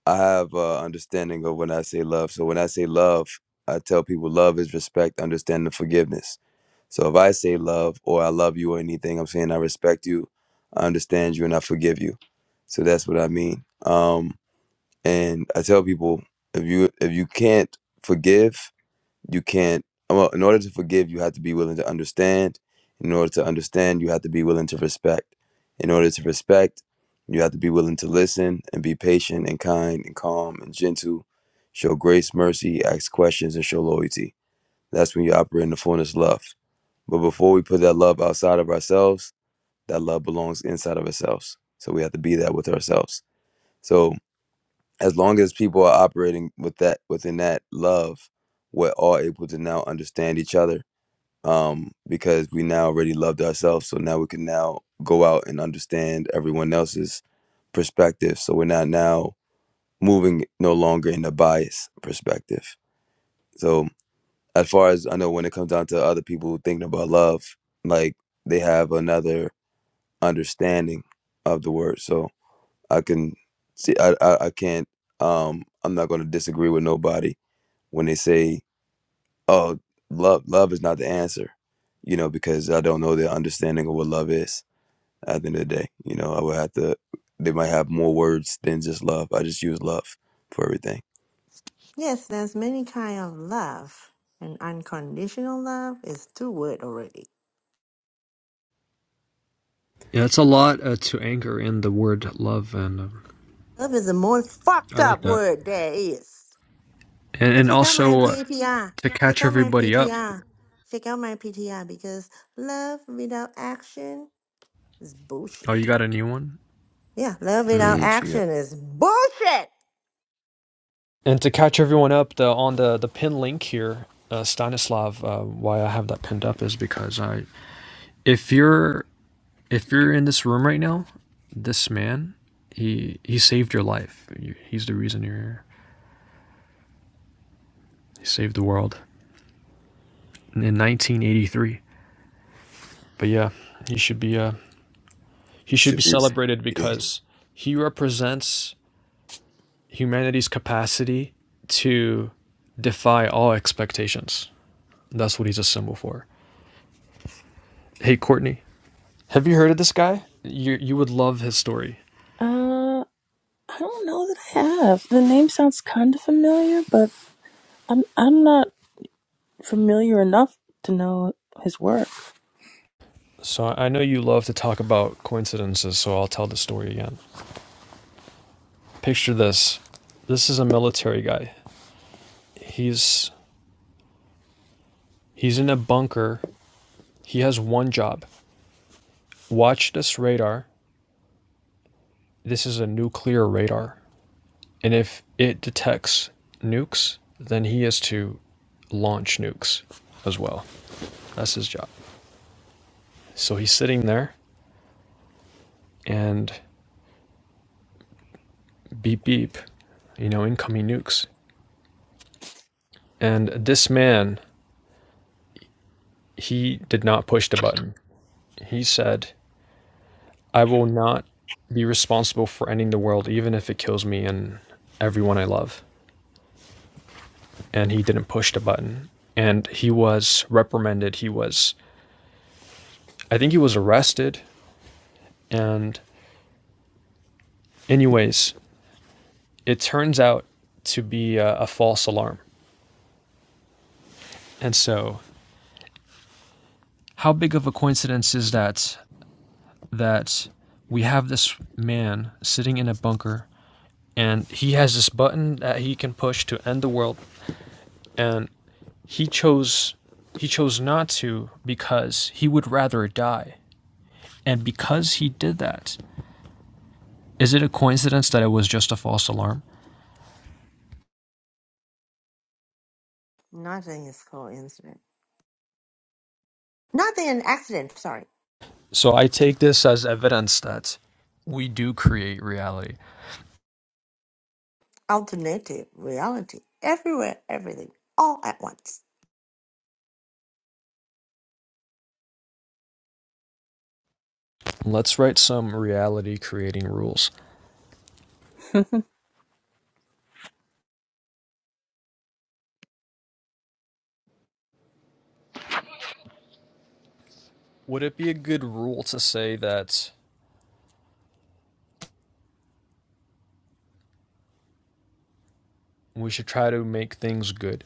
Speaker 3: I have a understanding of when I say love. So when I say love, I tell people love is respect, understanding, and forgiveness. So if I say love or I love you or anything, I'm saying I respect you, I understand you, and I forgive you. So that's what I mean. Um, and I tell people if you if you can't forgive, you can't well in order to forgive you have to be willing to understand in order to understand you have to be willing to respect in order to respect you have to be willing to listen and be patient and kind and calm and gentle show grace mercy ask questions and show loyalty that's when you operate in the fullness of love but before we put that love outside of ourselves that love belongs inside of ourselves so we have to be that with ourselves so as long as people are operating with that within that love we're all able to now understand each other um, because we now already loved ourselves. So now we can now go out and understand everyone else's perspective. So we're not now moving no longer in a biased perspective. So as far as I know, when it comes down to other people thinking about love, like they have another understanding of the word. So I can see, I, I, I can't, um, I'm not going to disagree with nobody when they say oh love love is not the answer you know because i don't know their understanding of what love is at the end of the day you know i would have to they might have more words than just love i just use love for everything
Speaker 4: Yes, there's many kind of love. And unconditional love is two word already.
Speaker 2: Yeah, it's a lot uh, to anchor in the word love, and um,
Speaker 4: Love is the most
Speaker 2: I
Speaker 4: fucked
Speaker 2: like
Speaker 4: up
Speaker 2: that.
Speaker 4: word there is.
Speaker 2: And,
Speaker 4: And
Speaker 2: and
Speaker 4: check out my
Speaker 2: also uh,
Speaker 4: PTR.
Speaker 2: to
Speaker 4: Check
Speaker 2: catch
Speaker 4: out my
Speaker 2: everybody up.
Speaker 4: PTR. Check out my PTR because love without action is
Speaker 2: Oh, you
Speaker 4: bullshit.
Speaker 2: got a new one?
Speaker 4: Yeah, love
Speaker 2: Hmm.
Speaker 4: without
Speaker 3: mm, she got,
Speaker 4: action is bullshit.
Speaker 2: And to catch everyone up, the on the the pin link here, uh, Stanislav, uh, why I have that pinned up is because I, if you're if you're in this room right now, this man, he he saved your life. He's the reason you're here. He saved the world in 1983. But yeah, he should be uh he should be
Speaker 3: should be
Speaker 2: celebrated
Speaker 3: yeah.
Speaker 2: because he represents humanity's capacity to defy all expectations. That's what he's a symbol for. Hey, Courtney. Have you heard of this guy? You you would love his story.
Speaker 6: Uh, I don't know that I have. The name sounds kind of familiar, but I'm I'm not familiar enough to know his work.
Speaker 2: So I I know you love to talk about coincidences, so I'll tell the story again. Picture this. This is a military guy. He's he's in a bunker. He has one job. Watch this radar. This is a nuclear radar. And if it detects nukes, then he is to launch nukes as well. That's his job. So he's sitting there and beep beep, you know, incoming nukes. And this man he did not push the button. He said, I will not be responsible for ending the world, even if it kills me and everyone I love. And he didn't push the button. And he was reprimanded. He was, I think he was arrested. And, anyways, it turns out to be a, a false alarm. And so, how big of a coincidence is that? That we have this man sitting in a bunker and he has this button that he can push to end the world. And He chose he chose not to because he would rather die. And because he did that, is it a coincidence that it was just a false alarm?
Speaker 4: Nothing is coincident. Nothing an accident. Sorry.
Speaker 2: So I take this as evidence that we do create reality.
Speaker 4: Alternative reality. Everywhere, everything, all at once.
Speaker 2: Let's write some reality creating rules. Would it be a good rule to say that we should try to make things good?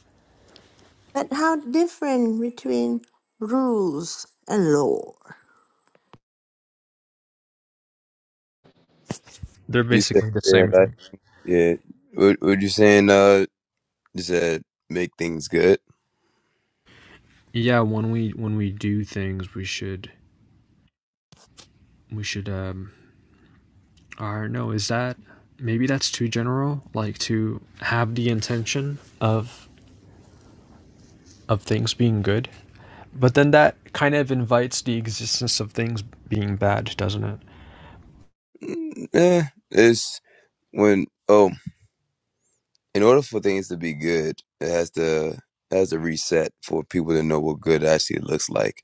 Speaker 4: But how different between rules and law?
Speaker 2: They're
Speaker 3: you said
Speaker 2: basically the
Speaker 3: yeah
Speaker 2: same
Speaker 3: like
Speaker 2: thing.
Speaker 3: yeah what what you saying uh you said make things good
Speaker 2: Yeah, when we when we do things, we should we should um Or no, is that maybe that's too general? Like to have the intention of of things being good, but then that kind of invites the existence of things being bad, doesn't it?
Speaker 3: mm, eh, it's when oh in order for things to be good it has to it has to reset for people to know what good actually looks like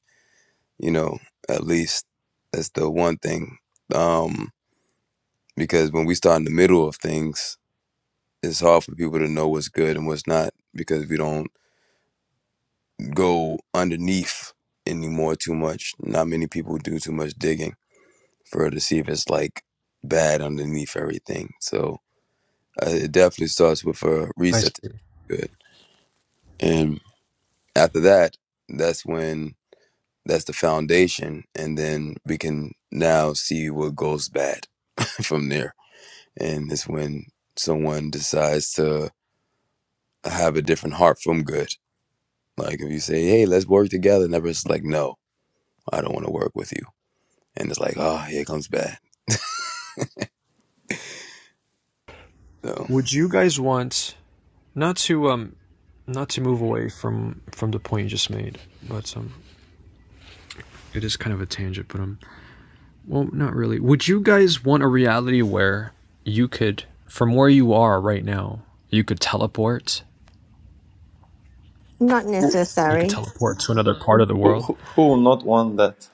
Speaker 3: you know, at least that's the one thing. Um, because when we start in the middle of things, it's hard for people to know what's good and what's not because we don't go underneath anymore too much. Not many people do too much digging for to see if it's like bad underneath everything. So uh, it definitely starts with a
Speaker 2: I see.
Speaker 3: reset. to Good, and after that, that's when that's the foundation, and then we can now see what goes bad [LAUGHS] from there. and it's when someone decides to have a different heart from good. Like if you say, "Hey, let's work together," and the person's like, "No, I don't want to work with you," and it's like, "Oh, here comes bad." So,
Speaker 2: Would you guys want not to um not to move away from from the point you just made, but um it is kind of a tangent, but um well not really. Would you guys want a reality where you could from where you are right now, you could teleport
Speaker 4: Not
Speaker 2: you could
Speaker 4: necessary.
Speaker 2: teleport to another part of the
Speaker 7: Who,
Speaker 2: world
Speaker 7: who, who will not want that?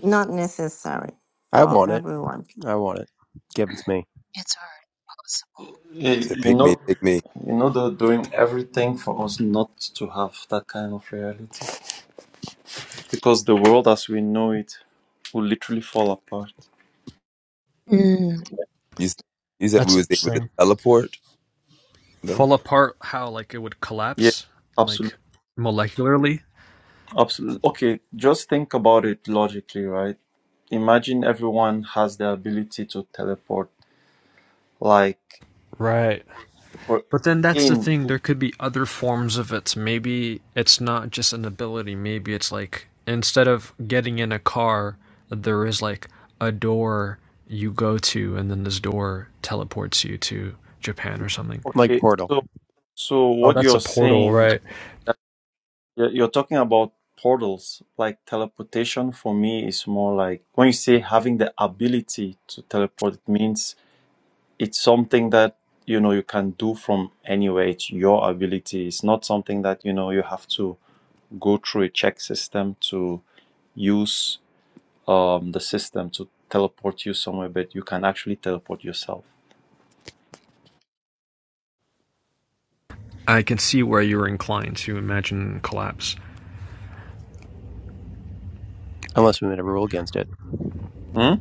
Speaker 4: Not necessary
Speaker 8: I
Speaker 4: for
Speaker 8: want it.
Speaker 4: everyone.
Speaker 8: I want it. Give it to me.
Speaker 1: It's hard.
Speaker 7: You
Speaker 3: so
Speaker 7: you
Speaker 3: pick me,
Speaker 7: know,
Speaker 3: pick me.
Speaker 7: you know they're doing everything for us not to have that kind of reality because the world as we know it will literally fall apart.
Speaker 1: Possible. Mm.
Speaker 3: You s- you said we
Speaker 2: That's
Speaker 3: was able to
Speaker 2: interesting.
Speaker 3: teleport though,
Speaker 2: Fall apart how like it would
Speaker 7: Yeah,
Speaker 2: collapse like
Speaker 7: absolutely,
Speaker 2: molecularly.
Speaker 7: absolutely. Okay, just think about it logically, right? Imagine everyone has the ability to teleport, like
Speaker 2: Right.
Speaker 7: or
Speaker 2: But then that's the
Speaker 7: in.
Speaker 2: thing there could be other forms of it. Maybe it's not just an ability, maybe it's like instead of getting in a car, there is like a door you go to and then this door teleports you to Japan or something.
Speaker 8: Like
Speaker 7: Okay,
Speaker 8: Portal,
Speaker 7: so so
Speaker 2: Oh,
Speaker 7: what
Speaker 2: that's a
Speaker 7: you're
Speaker 2: portal,
Speaker 7: saying
Speaker 2: right?
Speaker 7: You're talking about portals, like teleportation for me is more like when you say having the ability to teleport, it means it's something that you know you can do from anywhere. It's your ability. It's not something that you know you have to go through a check system to use um, the system to teleport you somewhere, but you can actually teleport yourself.
Speaker 2: I can see where you're inclined to imagine collapse.
Speaker 8: unless we made a rule against it.
Speaker 7: Hmm?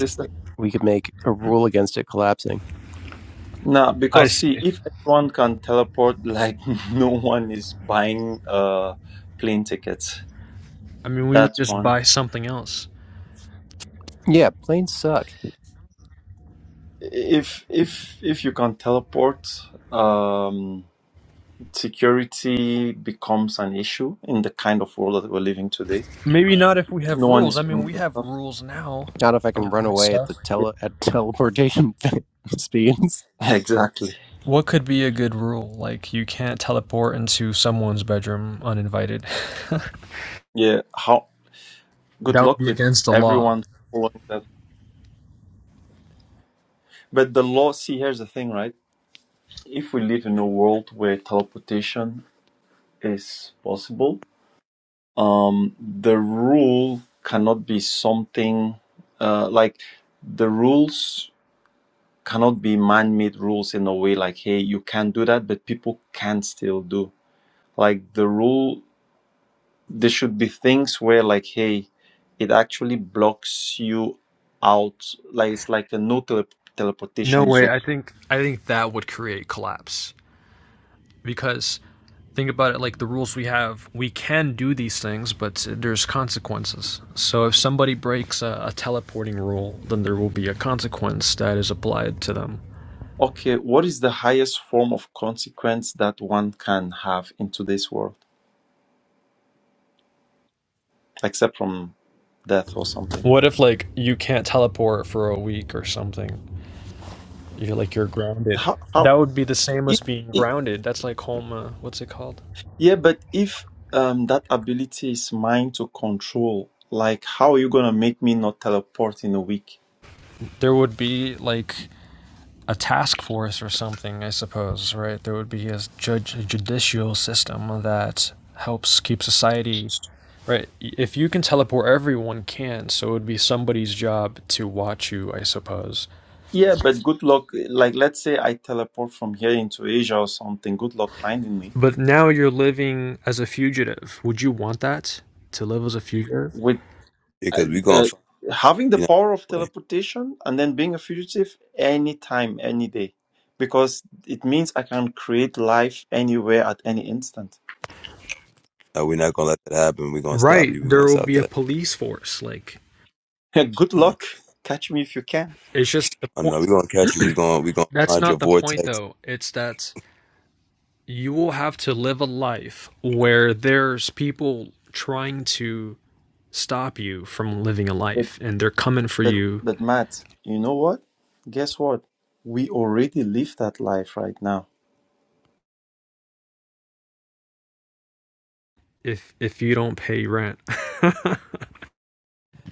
Speaker 7: Sister?
Speaker 8: We could make a rule against it collapsing.
Speaker 7: Nah,
Speaker 2: I
Speaker 7: because
Speaker 2: see.
Speaker 7: see, if everyone can teleport, like [LAUGHS] no one is buying uh plane tickets.
Speaker 2: I mean, we would
Speaker 7: That's
Speaker 2: just
Speaker 7: one.
Speaker 2: buy something else.
Speaker 8: Yeah, planes suck.
Speaker 7: If if if you can teleport, um, security becomes an issue in the kind of world that we're living today.
Speaker 2: Maybe not if we have
Speaker 7: No one
Speaker 2: rules.
Speaker 7: is
Speaker 2: I mean,
Speaker 7: paying
Speaker 2: we
Speaker 7: for
Speaker 2: have
Speaker 7: stuff.
Speaker 2: rules now
Speaker 8: Not if I can run
Speaker 2: around
Speaker 8: away at
Speaker 2: stuff.
Speaker 8: the
Speaker 7: Yeah,
Speaker 8: tele at teleportation [LAUGHS] speed.
Speaker 7: [LAUGHS] exactly.
Speaker 2: What could be a good rule? Like, you can't teleport into someone's bedroom uninvited. [LAUGHS]
Speaker 7: Yeah. How good
Speaker 2: that would
Speaker 7: luck
Speaker 2: be
Speaker 7: with
Speaker 2: against the law.
Speaker 7: everyone following that. But the law. See, here's the thing, right? If we live in a world where teleportation is possible, um, the rule cannot be something uh, like the rules cannot be man-made rules in a way like hey you can not do that but people can still do like the rule there should be things where like hey it actually blocks you out like it's like a no tele-
Speaker 2: No
Speaker 7: teleportation
Speaker 2: way.
Speaker 7: zone
Speaker 2: I think I think that would create collapse because think about it like the rules we have we can do these things but there's consequences so if somebody breaks a, a teleporting rule then there will be a consequence that is applied to them
Speaker 7: okay what is the highest form of consequence that one can have in today's world except from death or something
Speaker 2: what if like you can't teleport for a week or something You're like you're grounded.
Speaker 7: how how
Speaker 2: That would be the same
Speaker 7: if,
Speaker 2: as being grounded. That's like home. Uh, what's it called?
Speaker 7: Yeah, but if um, that ability is mine to control, like how are you gonna make me not teleport in a week?
Speaker 2: There would be like a task force or something, I suppose, right? There would be a judge, a judicial system that helps keep society right. If you can teleport, everyone can. So it would be somebody's job to watch you, I suppose.
Speaker 7: Yeah, but good luck. Like, let's say I teleport from here into Asia or something. Good luck finding me.
Speaker 2: But now you're living as a fugitive. Would you want that to live as a fugitive?
Speaker 7: With uh,
Speaker 3: because we gonna
Speaker 7: uh,
Speaker 3: find
Speaker 7: having the
Speaker 3: you know
Speaker 7: power of
Speaker 3: way.
Speaker 7: teleportation and then being a fugitive anytime, any day, because it means I can create life anywhere at any instant.
Speaker 3: No, we're not gonna let that happen. We're gonna stop
Speaker 2: Right.
Speaker 3: you. We're
Speaker 2: There
Speaker 3: gonna
Speaker 2: will
Speaker 3: stop
Speaker 2: be a
Speaker 3: that.
Speaker 2: police force. Like
Speaker 7: [LAUGHS] good
Speaker 3: Mhm.
Speaker 7: luck. Catch me if you can.
Speaker 2: it's just the
Speaker 3: Oh
Speaker 2: point.
Speaker 3: no, we're gonna catch you. We're gonna we gonna
Speaker 2: That's
Speaker 3: find
Speaker 2: not
Speaker 3: your
Speaker 2: the point,
Speaker 3: vortex
Speaker 2: though. It's that you will have to live a life where there's people trying to stop you from living a
Speaker 7: But
Speaker 2: life, and they're coming for
Speaker 7: but
Speaker 2: you
Speaker 7: but Matt, you know what? Guess what? We already live that life right now.
Speaker 2: if if you don't pay rent. [LAUGHS]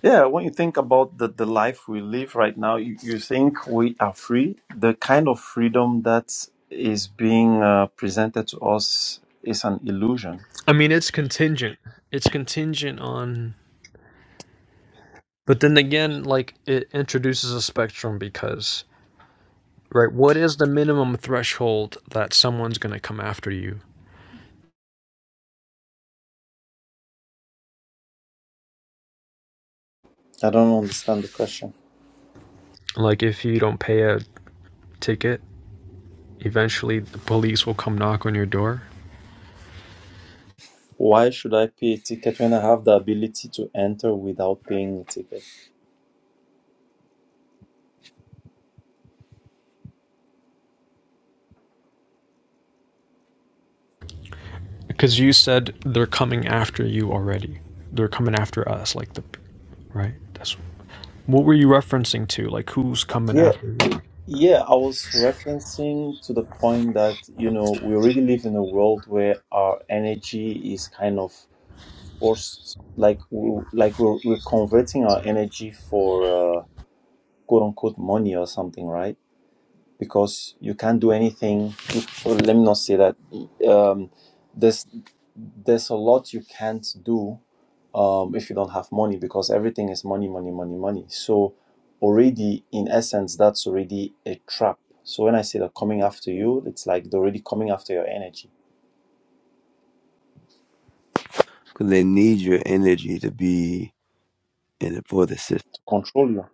Speaker 7: Yeah, when you think about the, the life we live right now, you, you think we are free. The kind of freedom that is being uh, presented to us is an illusion.
Speaker 2: I mean, it's contingent. It's contingent on. But then again, like it introduces a spectrum because right, what is the minimum threshold that someone's gonna come after you?
Speaker 7: I don't understand the question.
Speaker 2: Like if you don't pay a ticket, eventually the police will come knock on your door
Speaker 7: Why should I pay a ticket when I have the ability to enter without paying a ticket?
Speaker 2: Because you said they're coming after you already. They're coming after us, like the right. That's what were you referencing to? Like who's coming
Speaker 7: Yeah,
Speaker 2: after you?
Speaker 7: yeah, I was referencing to the point that, you know, we already live in a world where our energy is kind of forced, like we, like we're, we're converting our energy for uh, quote unquote money or something, right? Because you can't do anything. You, or let me not say that. Um, there's there's a lot you can't do um, if you don't have money because everything is money, money, money, money. So already in essence, that's already a trap. So when I say they're coming after you, it's like they're already coming after your energy
Speaker 3: because they need your energy to be in it for the system.
Speaker 7: to control you.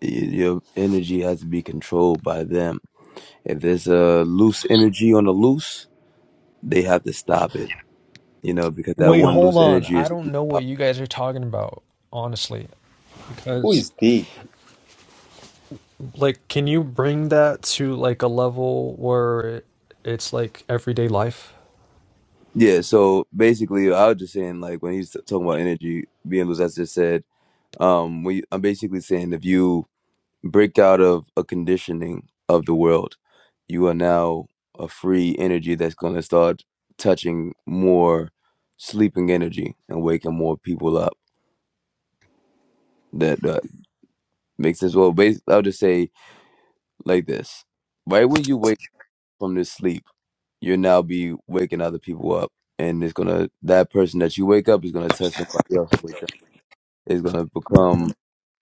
Speaker 3: your energy has to be controlled by them. If there's a loose energy on the loose, they have to stop it, you know, because that
Speaker 2: Wait,
Speaker 3: one
Speaker 2: hold
Speaker 3: loose
Speaker 2: on.
Speaker 3: energy
Speaker 2: I
Speaker 3: is
Speaker 2: don't
Speaker 3: too
Speaker 2: know
Speaker 3: pow-
Speaker 2: what you guys are talking about, honestly.
Speaker 7: Who
Speaker 2: Because
Speaker 7: is they?
Speaker 2: like, can you bring that to like a level where it's like everyday life?
Speaker 3: Yeah, so basically I was just saying like when he's talking about energy being loose, as I just said, um we I'm basically saying if you break out of a conditioning of the world, you are now a free energy that's gonna start touching more sleeping energy and waking more people up. That uh, Makes sense. Well, bas I'll just say like this: right when you wake from this sleep, you'll now be waking other people up, and it's gonna that person that you wake up is gonna test somebody else. and Wake up. It's gonna become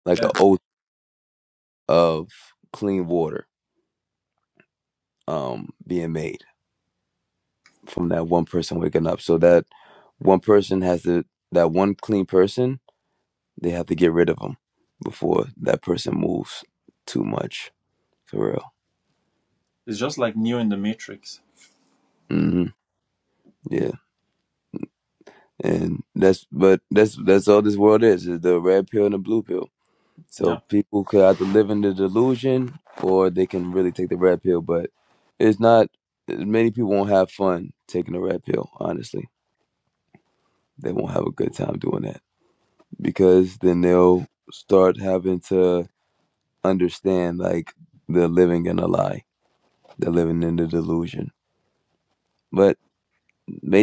Speaker 3: like a oath of clean water um being made from that one person waking up. So that one person has to that one clean person they have to get rid of them before that person moves too much for real.
Speaker 7: It's just like Neo in the Matrix.
Speaker 3: hmm Yeah. And that's but that's that's all this world is, is the red pill and the blue pill.
Speaker 7: Yeah,
Speaker 3: So people could either live in the delusion or they can really take the red pill, but it's not many people won't have fun taking the red pill, honestly. They won't have a good time doing that. Because then they'll start having to understand like they're living in a lie. They're living in the delusion. But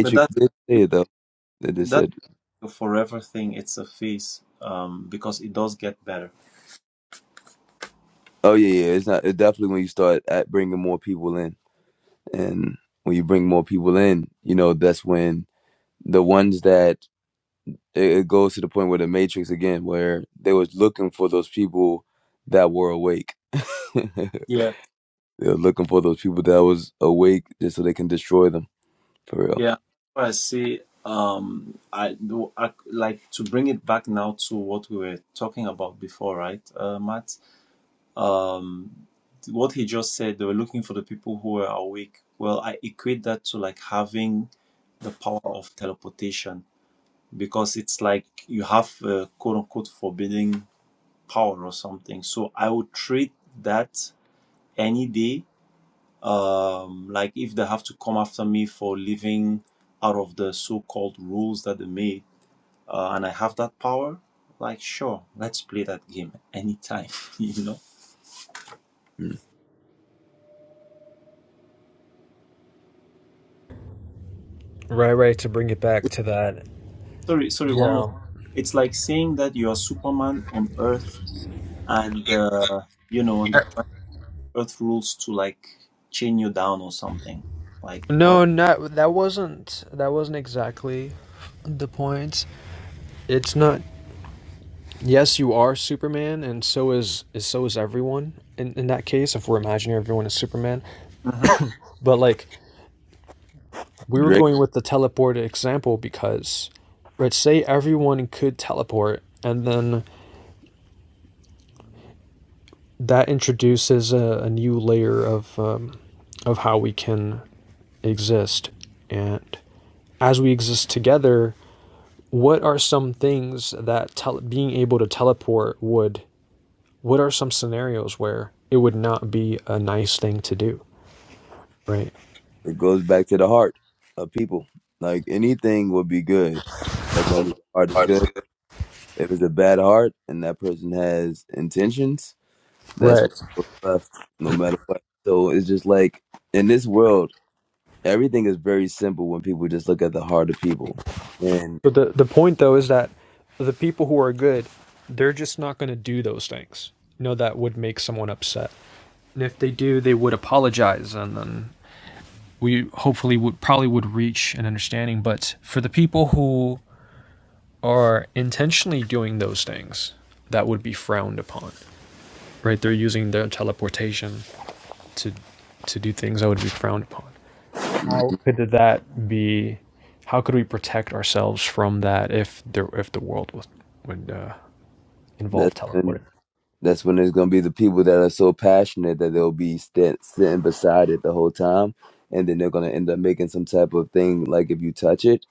Speaker 7: but that
Speaker 3: did say
Speaker 7: it,
Speaker 3: it though. They just
Speaker 7: that's
Speaker 3: said,
Speaker 7: a forever thing. It's a phase um, because it does get better.
Speaker 3: "Oh yeah, yeah, it's not. It definitely when you start at bringing more people in." and when you bring more people in you know that's when the ones that it it goes to the point where the matrix again where they was looking for those people that were awake [LAUGHS] they
Speaker 7: Yeah,
Speaker 3: were looking for those people that was awake just so they can destroy them for real
Speaker 7: yeah. What I say um I, do- I like to bring it back now to what we were talking about before right uh matt um what he just said they were looking for the people who were awake well i equate that to like having the power of teleportation because it's like you have a quote unquote forbidding power or something so i would treat that any day um like if they have to come after me for living out of the so-called rules that they made uh, and i have that power like sure let's play that game anytime [LAUGHS] you know
Speaker 3: mm.
Speaker 2: Right, right, to bring it back to that.
Speaker 7: Sorry, sorry, one more.
Speaker 2: Yeah.
Speaker 7: It's like saying that you are Superman on Earth and uh, you know, and
Speaker 2: Uh,
Speaker 7: the Earth rules to like chain you down or something. Like what?
Speaker 2: No, not that wasn't that wasn't exactly the point. It's not yes, you are Superman, and so is, is so is everyone. In, in that case, if we're imagining everyone is Superman,
Speaker 7: hmm
Speaker 2: but like we were
Speaker 3: drake
Speaker 2: going with the teleport example because, right? Say everyone could teleport, and then that introduces a, a new layer of um, of how we can exist, and as we exist together, what are some things that tele- being able to teleport would? What are some scenarios where it would not be a nice thing to do, right?
Speaker 3: it goes back to the heart of people like anything would be good as long as the heart is
Speaker 2: Heart is
Speaker 3: good
Speaker 2: good.
Speaker 3: if it's a bad heart and that person has intentions that's
Speaker 2: Right.
Speaker 3: what's left no matter what so it's just like in this world everything is very simple when people just look at the heart of people, and
Speaker 2: But the the point though is that the people who are good, they're just not going to do those things. You know that would make someone upset. And if they do, they would apologize and then we hopefully would probably would reach an understanding, but for the people who are intentionally doing those things, that would be frowned upon. Right? They're using their teleportation to to do things that would be frowned upon. could that be? How could we protect ourselves from that if there if the world was, would uh, involve
Speaker 3: that's
Speaker 2: teleporting?
Speaker 3: when that's when there's gonna be the people that are so passionate that they'll be stand, sitting beside it the whole time, and then they're gonna end up making some type of thing like if you touch it,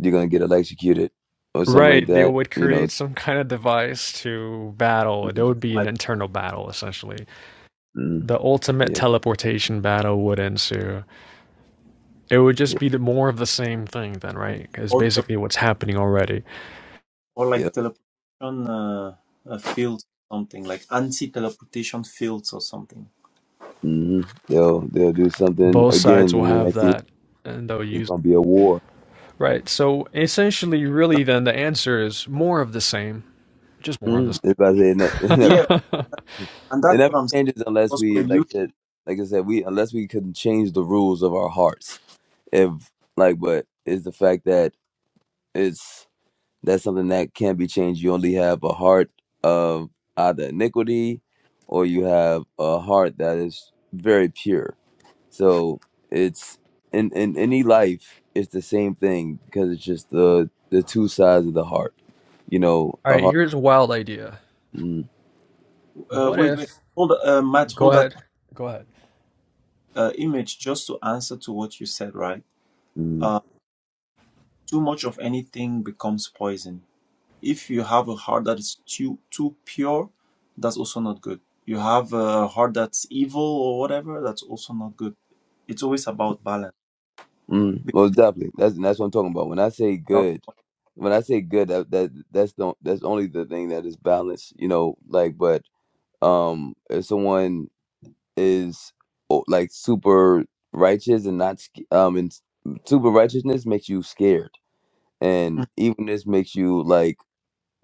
Speaker 3: you're gonna get electrocuted or something like
Speaker 2: Right, they
Speaker 3: that.
Speaker 2: would
Speaker 3: You know,
Speaker 2: create some kind of device to battle. There would be an
Speaker 7: Like
Speaker 2: internal battle, essentially.
Speaker 3: mm,
Speaker 2: The ultimate
Speaker 3: yep,
Speaker 2: teleportation battle would ensue. It would just
Speaker 3: yep,
Speaker 2: be the more of the same thing, then, right? Is
Speaker 7: or tel-
Speaker 2: basically what's happening already.
Speaker 7: or like
Speaker 3: yep.
Speaker 7: teleportation uh, uh, fields something, like anti-teleportation fields or something.
Speaker 3: hmm They'll they'll do something
Speaker 2: Both sides
Speaker 3: again,
Speaker 2: will
Speaker 3: and the
Speaker 2: have
Speaker 3: next thing
Speaker 2: that, and they'll
Speaker 3: it's
Speaker 2: use.
Speaker 3: gonna be a war.
Speaker 2: Right, so essentially, really, then the answer is more of the same. Just more of the same.
Speaker 3: Mm, it's about to say, [LAUGHS]
Speaker 7: Yeah,
Speaker 2: [LAUGHS] All
Speaker 7: and
Speaker 3: It
Speaker 7: that's
Speaker 3: never
Speaker 7: what I'm saying.
Speaker 3: changes unless
Speaker 7: Because
Speaker 3: we
Speaker 7: when you
Speaker 3: like to, like I said, we unless we can change the rules of our hearts. If like, but is the fact that it's that's something that can't be changed. You only have a heart of either iniquity, or you have a heart that is very pure. So it's in in any life, it's the same thing because it's just the the two sides of the heart. You know, a
Speaker 2: right,
Speaker 3: heart.
Speaker 2: here's a wild idea.
Speaker 3: Mm,
Speaker 7: uh,
Speaker 2: What
Speaker 7: wait,
Speaker 2: if?
Speaker 7: wait, hold uh, Matt,
Speaker 2: Go
Speaker 7: hold that
Speaker 2: ahead. Go ahead.
Speaker 7: uh, image just to answer to what you said, right?
Speaker 3: mm.
Speaker 7: Uh, too much of anything becomes poison. If you have a heart that is too too pure, that's also not good. You have a heart that's evil or whatever, that's also not good. It's always about balance.
Speaker 3: Mm, most definitely. That's that's what I'm talking about. When I say
Speaker 7: Because
Speaker 3: good, when I say good, that, that that's the that's only the thing that is balanced. You know, like but um, if someone is oh, like super righteous and not sc- um, and s- super righteousness makes you scared,
Speaker 7: I
Speaker 3: and evenness makes you like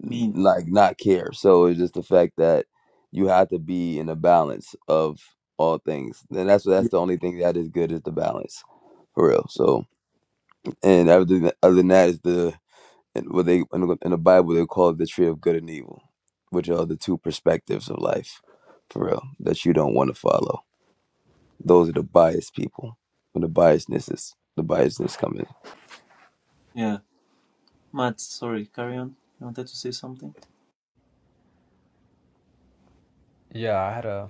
Speaker 3: n-
Speaker 7: mean.
Speaker 3: like not care. So it's just the fact that you have to be in a balance of all things, and that's that's the only thing that is good is the balance, for real. So. And other than, other than that is the and what they in the, in the Bible they call it the tree of good and evil, which are the two perspectives of life, for real, that you don't want to follow. Those are the biased people. When the biasness is the biasness coming,
Speaker 7: Yeah. Matt, sorry, carry on. You wanted to say something?
Speaker 2: Yeah, I had a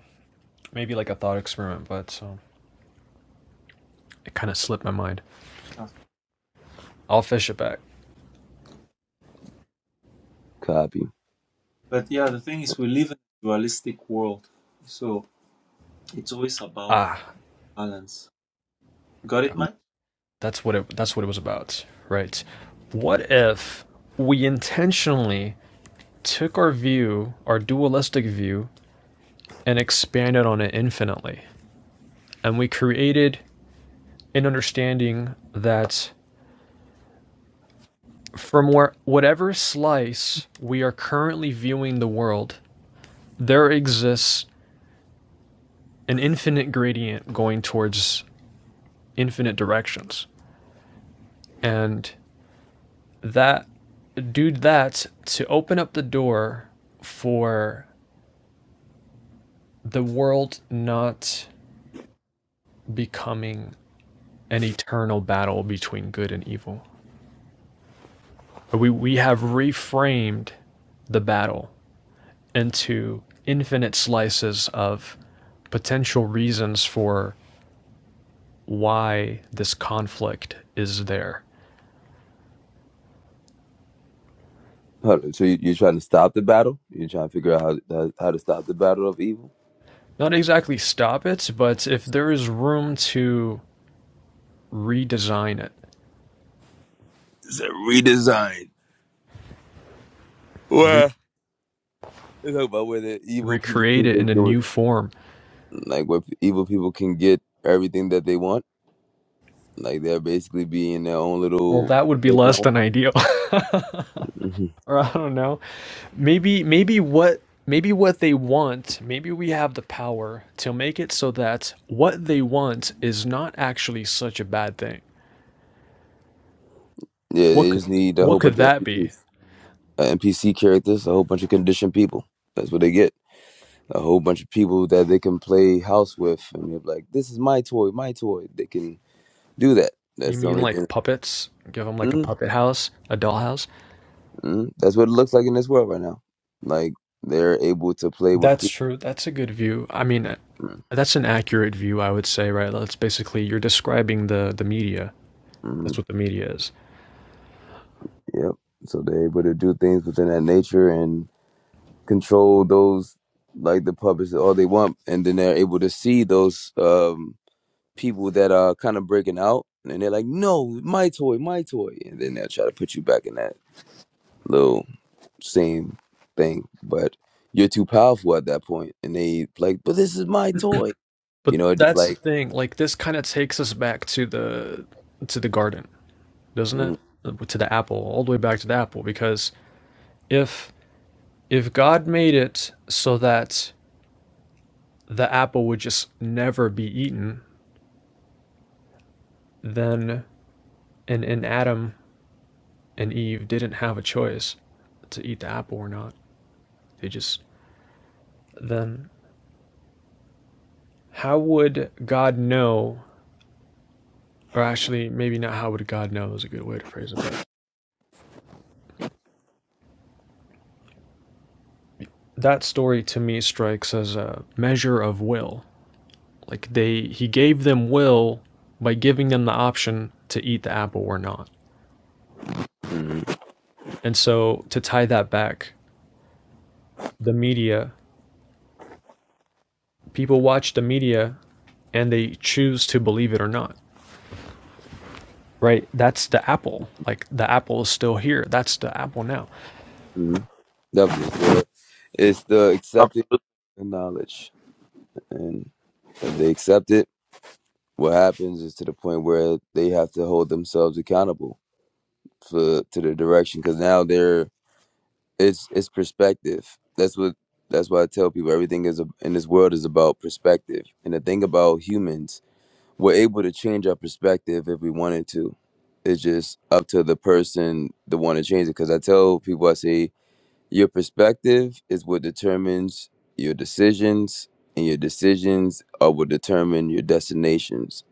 Speaker 2: maybe like a thought experiment, but um, it kind of slipped my mind.
Speaker 7: Yes.
Speaker 2: I'll fish it back.
Speaker 3: copy.
Speaker 7: But yeah, the thing is, we live in a dualistic world. So it's always about
Speaker 2: Ah,
Speaker 7: balance. Got it,
Speaker 2: God.
Speaker 3: Mm.
Speaker 7: Matt?
Speaker 2: that's what it. That's what it was about, right? What if we intentionally took our view, our dualistic view, and expanded on it infinitely, and we created an understanding that from where whatever slice we are currently viewing the world there exists an infinite gradient going towards infinite directions. And that, do that to open up the door for the world not becoming an eternal battle between good and evil. We, we have reframed the battle into infinite slices of potential reasons for why this conflict is there
Speaker 3: Hold on, So you, you're trying to stop the battle? You're trying to figure out how, how how to stop the battle of evil?
Speaker 2: not exactly stop it, but if there is room to redesign it,
Speaker 3: It's a redesign.
Speaker 2: re-
Speaker 3: Well, it's about where the evil people
Speaker 2: recreate
Speaker 3: can
Speaker 2: it in a
Speaker 3: get
Speaker 2: new form,
Speaker 3: like where evil people can get everything that they want Like they'll basically be in their own
Speaker 2: well,
Speaker 3: little
Speaker 2: that would be less
Speaker 3: playground.
Speaker 2: than ideal. [LAUGHS]
Speaker 3: hmm
Speaker 2: or I don't know. Maybe maybe what maybe what they want, maybe we have the power to make it so that what they want is not actually such a bad thing.
Speaker 3: Yeah,
Speaker 2: What
Speaker 3: they
Speaker 2: could,
Speaker 3: just need a
Speaker 2: what
Speaker 3: whole
Speaker 2: could
Speaker 3: bunch of
Speaker 2: that be?
Speaker 3: NPCs, uh, NPC characters, a whole bunch of conditioned people. That's what they get. A whole bunch of people that they can play house with, and they're like, "This is my toy, my toy." They can do that.
Speaker 2: You
Speaker 3: That's the
Speaker 2: mean
Speaker 3: only thing.
Speaker 2: like puppets? Give them like a
Speaker 3: mm
Speaker 2: puppet house, a dollhouse?
Speaker 3: mm That's what it looks like in this world right now. Like they're able to play with
Speaker 2: That's
Speaker 3: people.
Speaker 2: true. That's a good view. I mean, uh,
Speaker 3: mm
Speaker 2: that's an accurate view, I would say, right? That's basically you're describing the the media. That's
Speaker 3: mm
Speaker 2: what the media is.
Speaker 3: Yep. So they're able to do things within that nature, and control those like the puppets all they want and then they're able to see those um people that are kind of breaking out and they're like no my toy my toy and then they'll try to put you back in that little same thing but you're too powerful at that point and they like but this is my toy
Speaker 2: But
Speaker 3: you know it just
Speaker 2: that's the
Speaker 3: like
Speaker 2: thing. Like this kind of takes us back to the to the garden, doesn't it?
Speaker 3: mm,
Speaker 2: Uh, To the apple, all the way back to the apple because if if God made it so that the apple would just never be eaten, then and, and Adam and Eve didn't have a choice to eat the apple or not. They just then how would God know? Or actually, maybe not how would God know is a good way to phrase it, but that story to me strikes as a measure of will. Like they he gave them will by giving them the option to eat the apple or not.
Speaker 3: mm,
Speaker 2: And so to tie that back, the media, people watch the media and they choose to believe it or not. Right? That's the apple. Like the apple is still here. That's the apple now.
Speaker 3: mm, definitely So it's the accepting the knowledge and if they accept it what happens is to the point where they have to hold themselves accountable for to the direction because now they're it's it's perspective that's what that's why i tell people everything is a, in this world is about perspective and the thing about humans we're able to change our perspective if we wanted to it's just up to the person to want to change it because i tell people i say your perspective is what determines your decisions, and your decisions are what determine your destinations.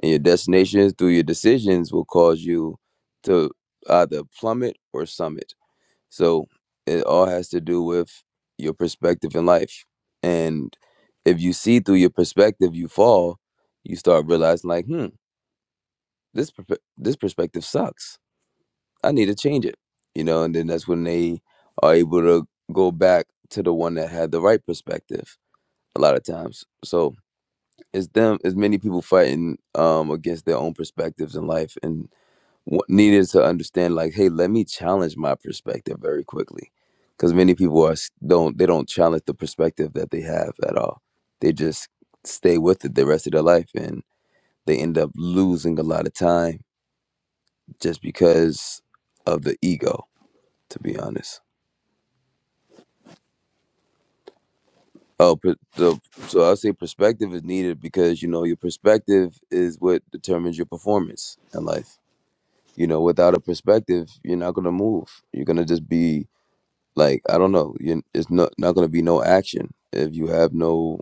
Speaker 3: And your destinations through your decisions will cause you to either plummet or summit. So it all has to do with your perspective in life. And if you see through your perspective, you fall, you start realizing, like, hmm, this, perpe- this perspective sucks I need to change it, you know, and then that's when they are able to go back to the one that had the right perspective a lot of times. So it's them, it's many people fighting um, against their own perspectives in life and wa- needed to understand like, hey, let me challenge my perspective very quickly. Because many people are s- don't they don't challenge the perspective that they have at all. They just stay with it the rest of their life, and they end up losing a lot of time just because of the ego. To be honest. Oh, per- the, so I say perspective is needed because you know your perspective is what determines your performance in life. You know, without a perspective, you're not gonna move. You're gonna just be like I don't know. You it's not not gonna be no action if you have no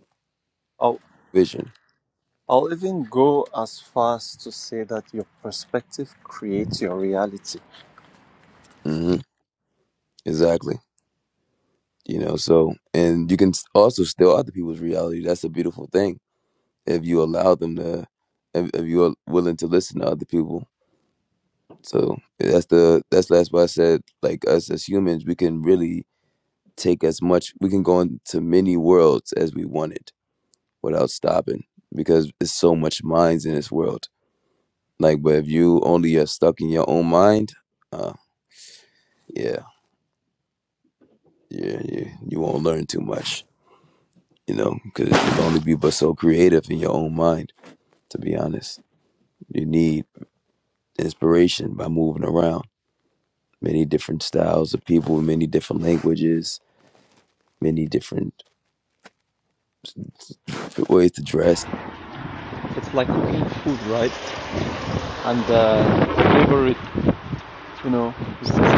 Speaker 7: I'll,
Speaker 3: vision.
Speaker 7: I'll even go as far as to say that your perspective creates your reality.
Speaker 3: hmm Exactly. You know, so and you can s- also steal other people's reality. That's a beautiful thing if you allow them to, if, if you are willing to listen to other people So that's the that's that's why I said like us as humans, we can really take as much we can go into many worlds as we wanted without stopping because there's so much minds in this world. Like, but if you only are stuck in your own mind, uh, yeah, yeah, you you won't learn too much, you know, because you can only be but so creative in your own mind. To be honest, you need inspiration by moving around. Many different styles of people, many different languages, many different ways to dress
Speaker 7: It's like cooking food, right? and uh, flavor it, you know, with the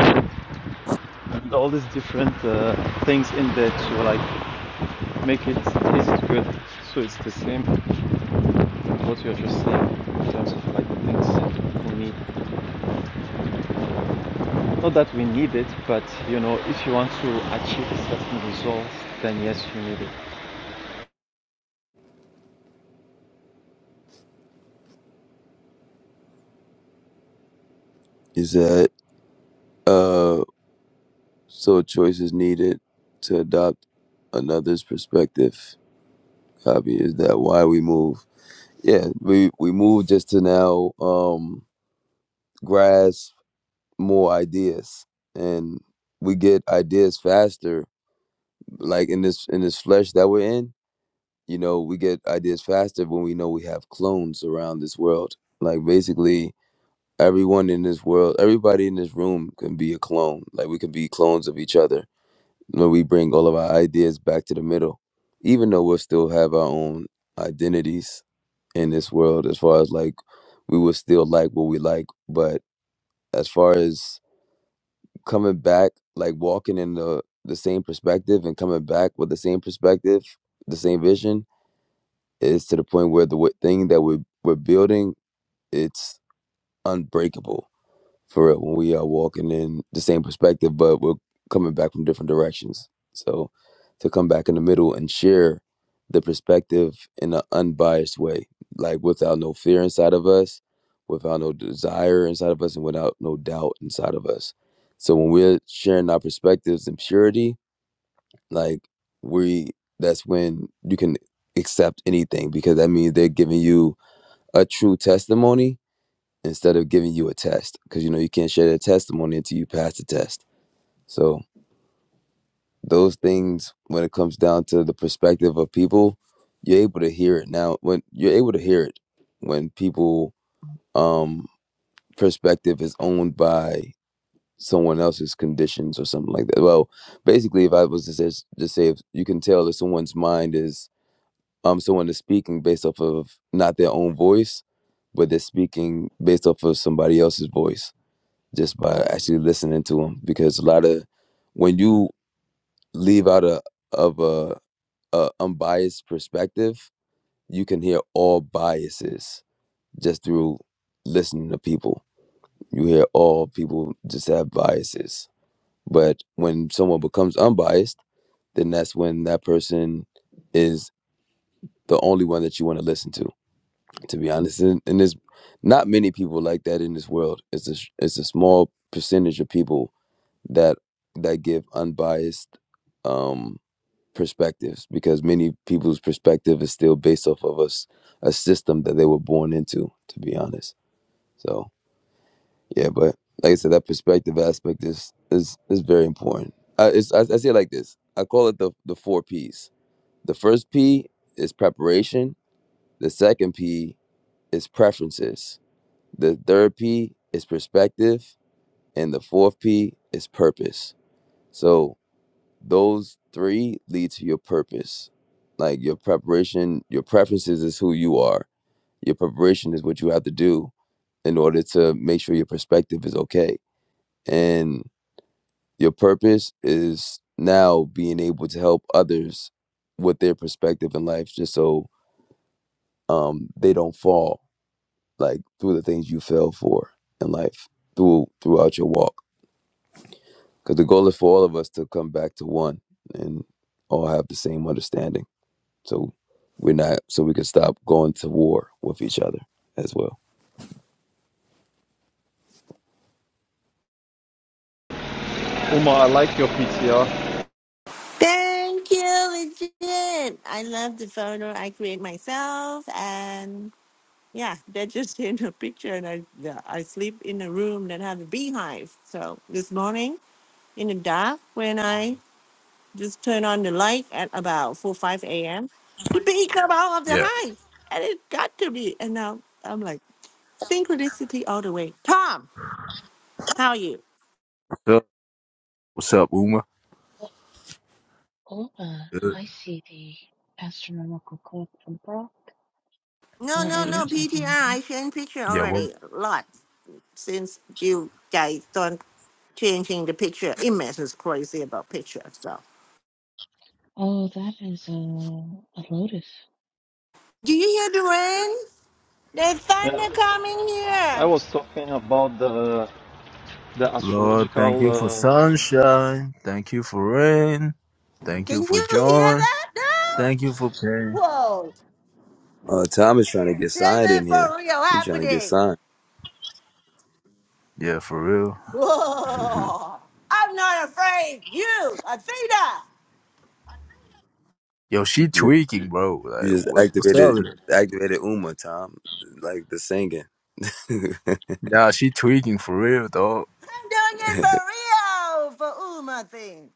Speaker 7: and all these different uh, things in that you like make it taste good. So it's the same what you're just saying in terms of like things we need. Not that we need it, but you know, if you want to achieve a certain result, then yes, you need it.
Speaker 3: is that uh so choice is needed to adopt another's perspective copy is that why we move yeah we we move just to now um grasp more ideas and we get ideas faster like in this in this flesh that we're in you know we get ideas faster when we know we have clones around this world like basically everyone in this world, everybody in this room can be a clone. Like we can be clones of each other. When we bring all of our ideas back to the middle, even though we'll still have our own identities in this world, as far as like we will still like what we like. But as far as coming back, like walking in the the same perspective and coming back with the same perspective, the same vision, is to the point where the w- thing that we're we're building, it's unbreakable for real when we are walking in the same perspective, but we're coming back from different directions. So to come back in the middle and share the perspective in an unbiased way, like without no fear inside of us, without no desire inside of us, and without no doubt inside of us. So when we're sharing our perspectives in purity, like we, that's when you can accept anything because that means they're giving you a true testimony instead of giving you a test because you know you can't share their testimony until you pass the test so those things when it comes down to the perspective of people you're able to hear it now when you're able to hear it when people um perspective is owned by someone else's conditions or something like that well basically if i was to say, just say if you can tell that someone's mind is um someone is speaking based off of not their own voice but they're speaking based off of somebody else's voice just by actually listening to them because a lot of when you leave out a of a, a unbiased perspective you can hear all biases just through listening to people you hear all people just have biases but when someone becomes unbiased then that's when that person is the only one that you want to listen to to be honest and, and there's not many people like that in this world it's a it's a small percentage of people that that give unbiased um perspectives because many people's perspective is still based off of us a s- a system that they were born into to be honest so yeah but like i said that perspective aspect is is is very important i it's, I, I say it like this i call it the the four p's the first p is preparation the second p is preferences the third p is perspective and the fourth p is purpose so those three lead to your purpose. Like your preparation, your preferences is who you are. Your preparation is what you have to do in order to make sure your perspective is okay. And your purpose is now being able to help others with their perspective in life just so um they don't fall like through the things you fell for in life through throughout your walk. Because the goal is for all of us to come back to one and all have the same understanding. so we're not so we can stop going to war with each other as well.
Speaker 7: Uma, I like your PTR.
Speaker 4: Thank you, Legit. I love the photo I create myself, and yeah, that just [LAUGHS] in a picture. And I, yeah, I sleep in a room that have a beehive. So this morning in the dark, when I just turn on the light at about four five a.m., the bee come out of the
Speaker 9: Yeah.
Speaker 4: hive, and it got to me. And now I'm like synchronicity all the way. Tom, how are you?
Speaker 9: What's up, What's up, Uma?
Speaker 1: Ola,
Speaker 9: Good.
Speaker 1: I see the astronomical clock from Brock.
Speaker 4: No,
Speaker 1: Not
Speaker 4: no,
Speaker 1: what you're
Speaker 4: no, PTR.
Speaker 1: talking about.
Speaker 4: I sent picture
Speaker 9: Yeah. Well,
Speaker 4: already. A lot since you guys don't. changing the picture. Image is crazy about pictures. So,
Speaker 1: Oh, that is a, a lotus.
Speaker 4: do you hear the rain? There's
Speaker 7: Yeah,
Speaker 4: thunder coming
Speaker 7: I
Speaker 4: here.
Speaker 7: was talking about the the
Speaker 9: Lord,
Speaker 7: astrological
Speaker 9: thank you for
Speaker 7: uh,
Speaker 9: sunshine. Thank you for rain. Thank
Speaker 4: Can
Speaker 9: you for
Speaker 4: you hear
Speaker 9: joy.
Speaker 4: that now?
Speaker 9: Thank you for pain.
Speaker 4: Whoa,
Speaker 3: Uh, Tom is trying to get
Speaker 4: this
Speaker 3: signed in
Speaker 4: is
Speaker 3: here.
Speaker 4: for real
Speaker 3: You trying to get
Speaker 4: happening.
Speaker 3: signed?
Speaker 9: Yeah, for real.
Speaker 3: [LAUGHS] you
Speaker 4: Whoa, I'm not afraid. You, Athena,
Speaker 9: Yo, she
Speaker 3: ju-
Speaker 9: tweaking, bro.
Speaker 3: you
Speaker 9: Like,
Speaker 3: just
Speaker 9: what, what's up
Speaker 3: activated you
Speaker 9: with it?
Speaker 3: activated Uma Tom, like the singing.
Speaker 9: Nah, she tweaking for real, dog.
Speaker 4: I'm doing it
Speaker 3: [LAUGHS]
Speaker 4: for real for Uma thing.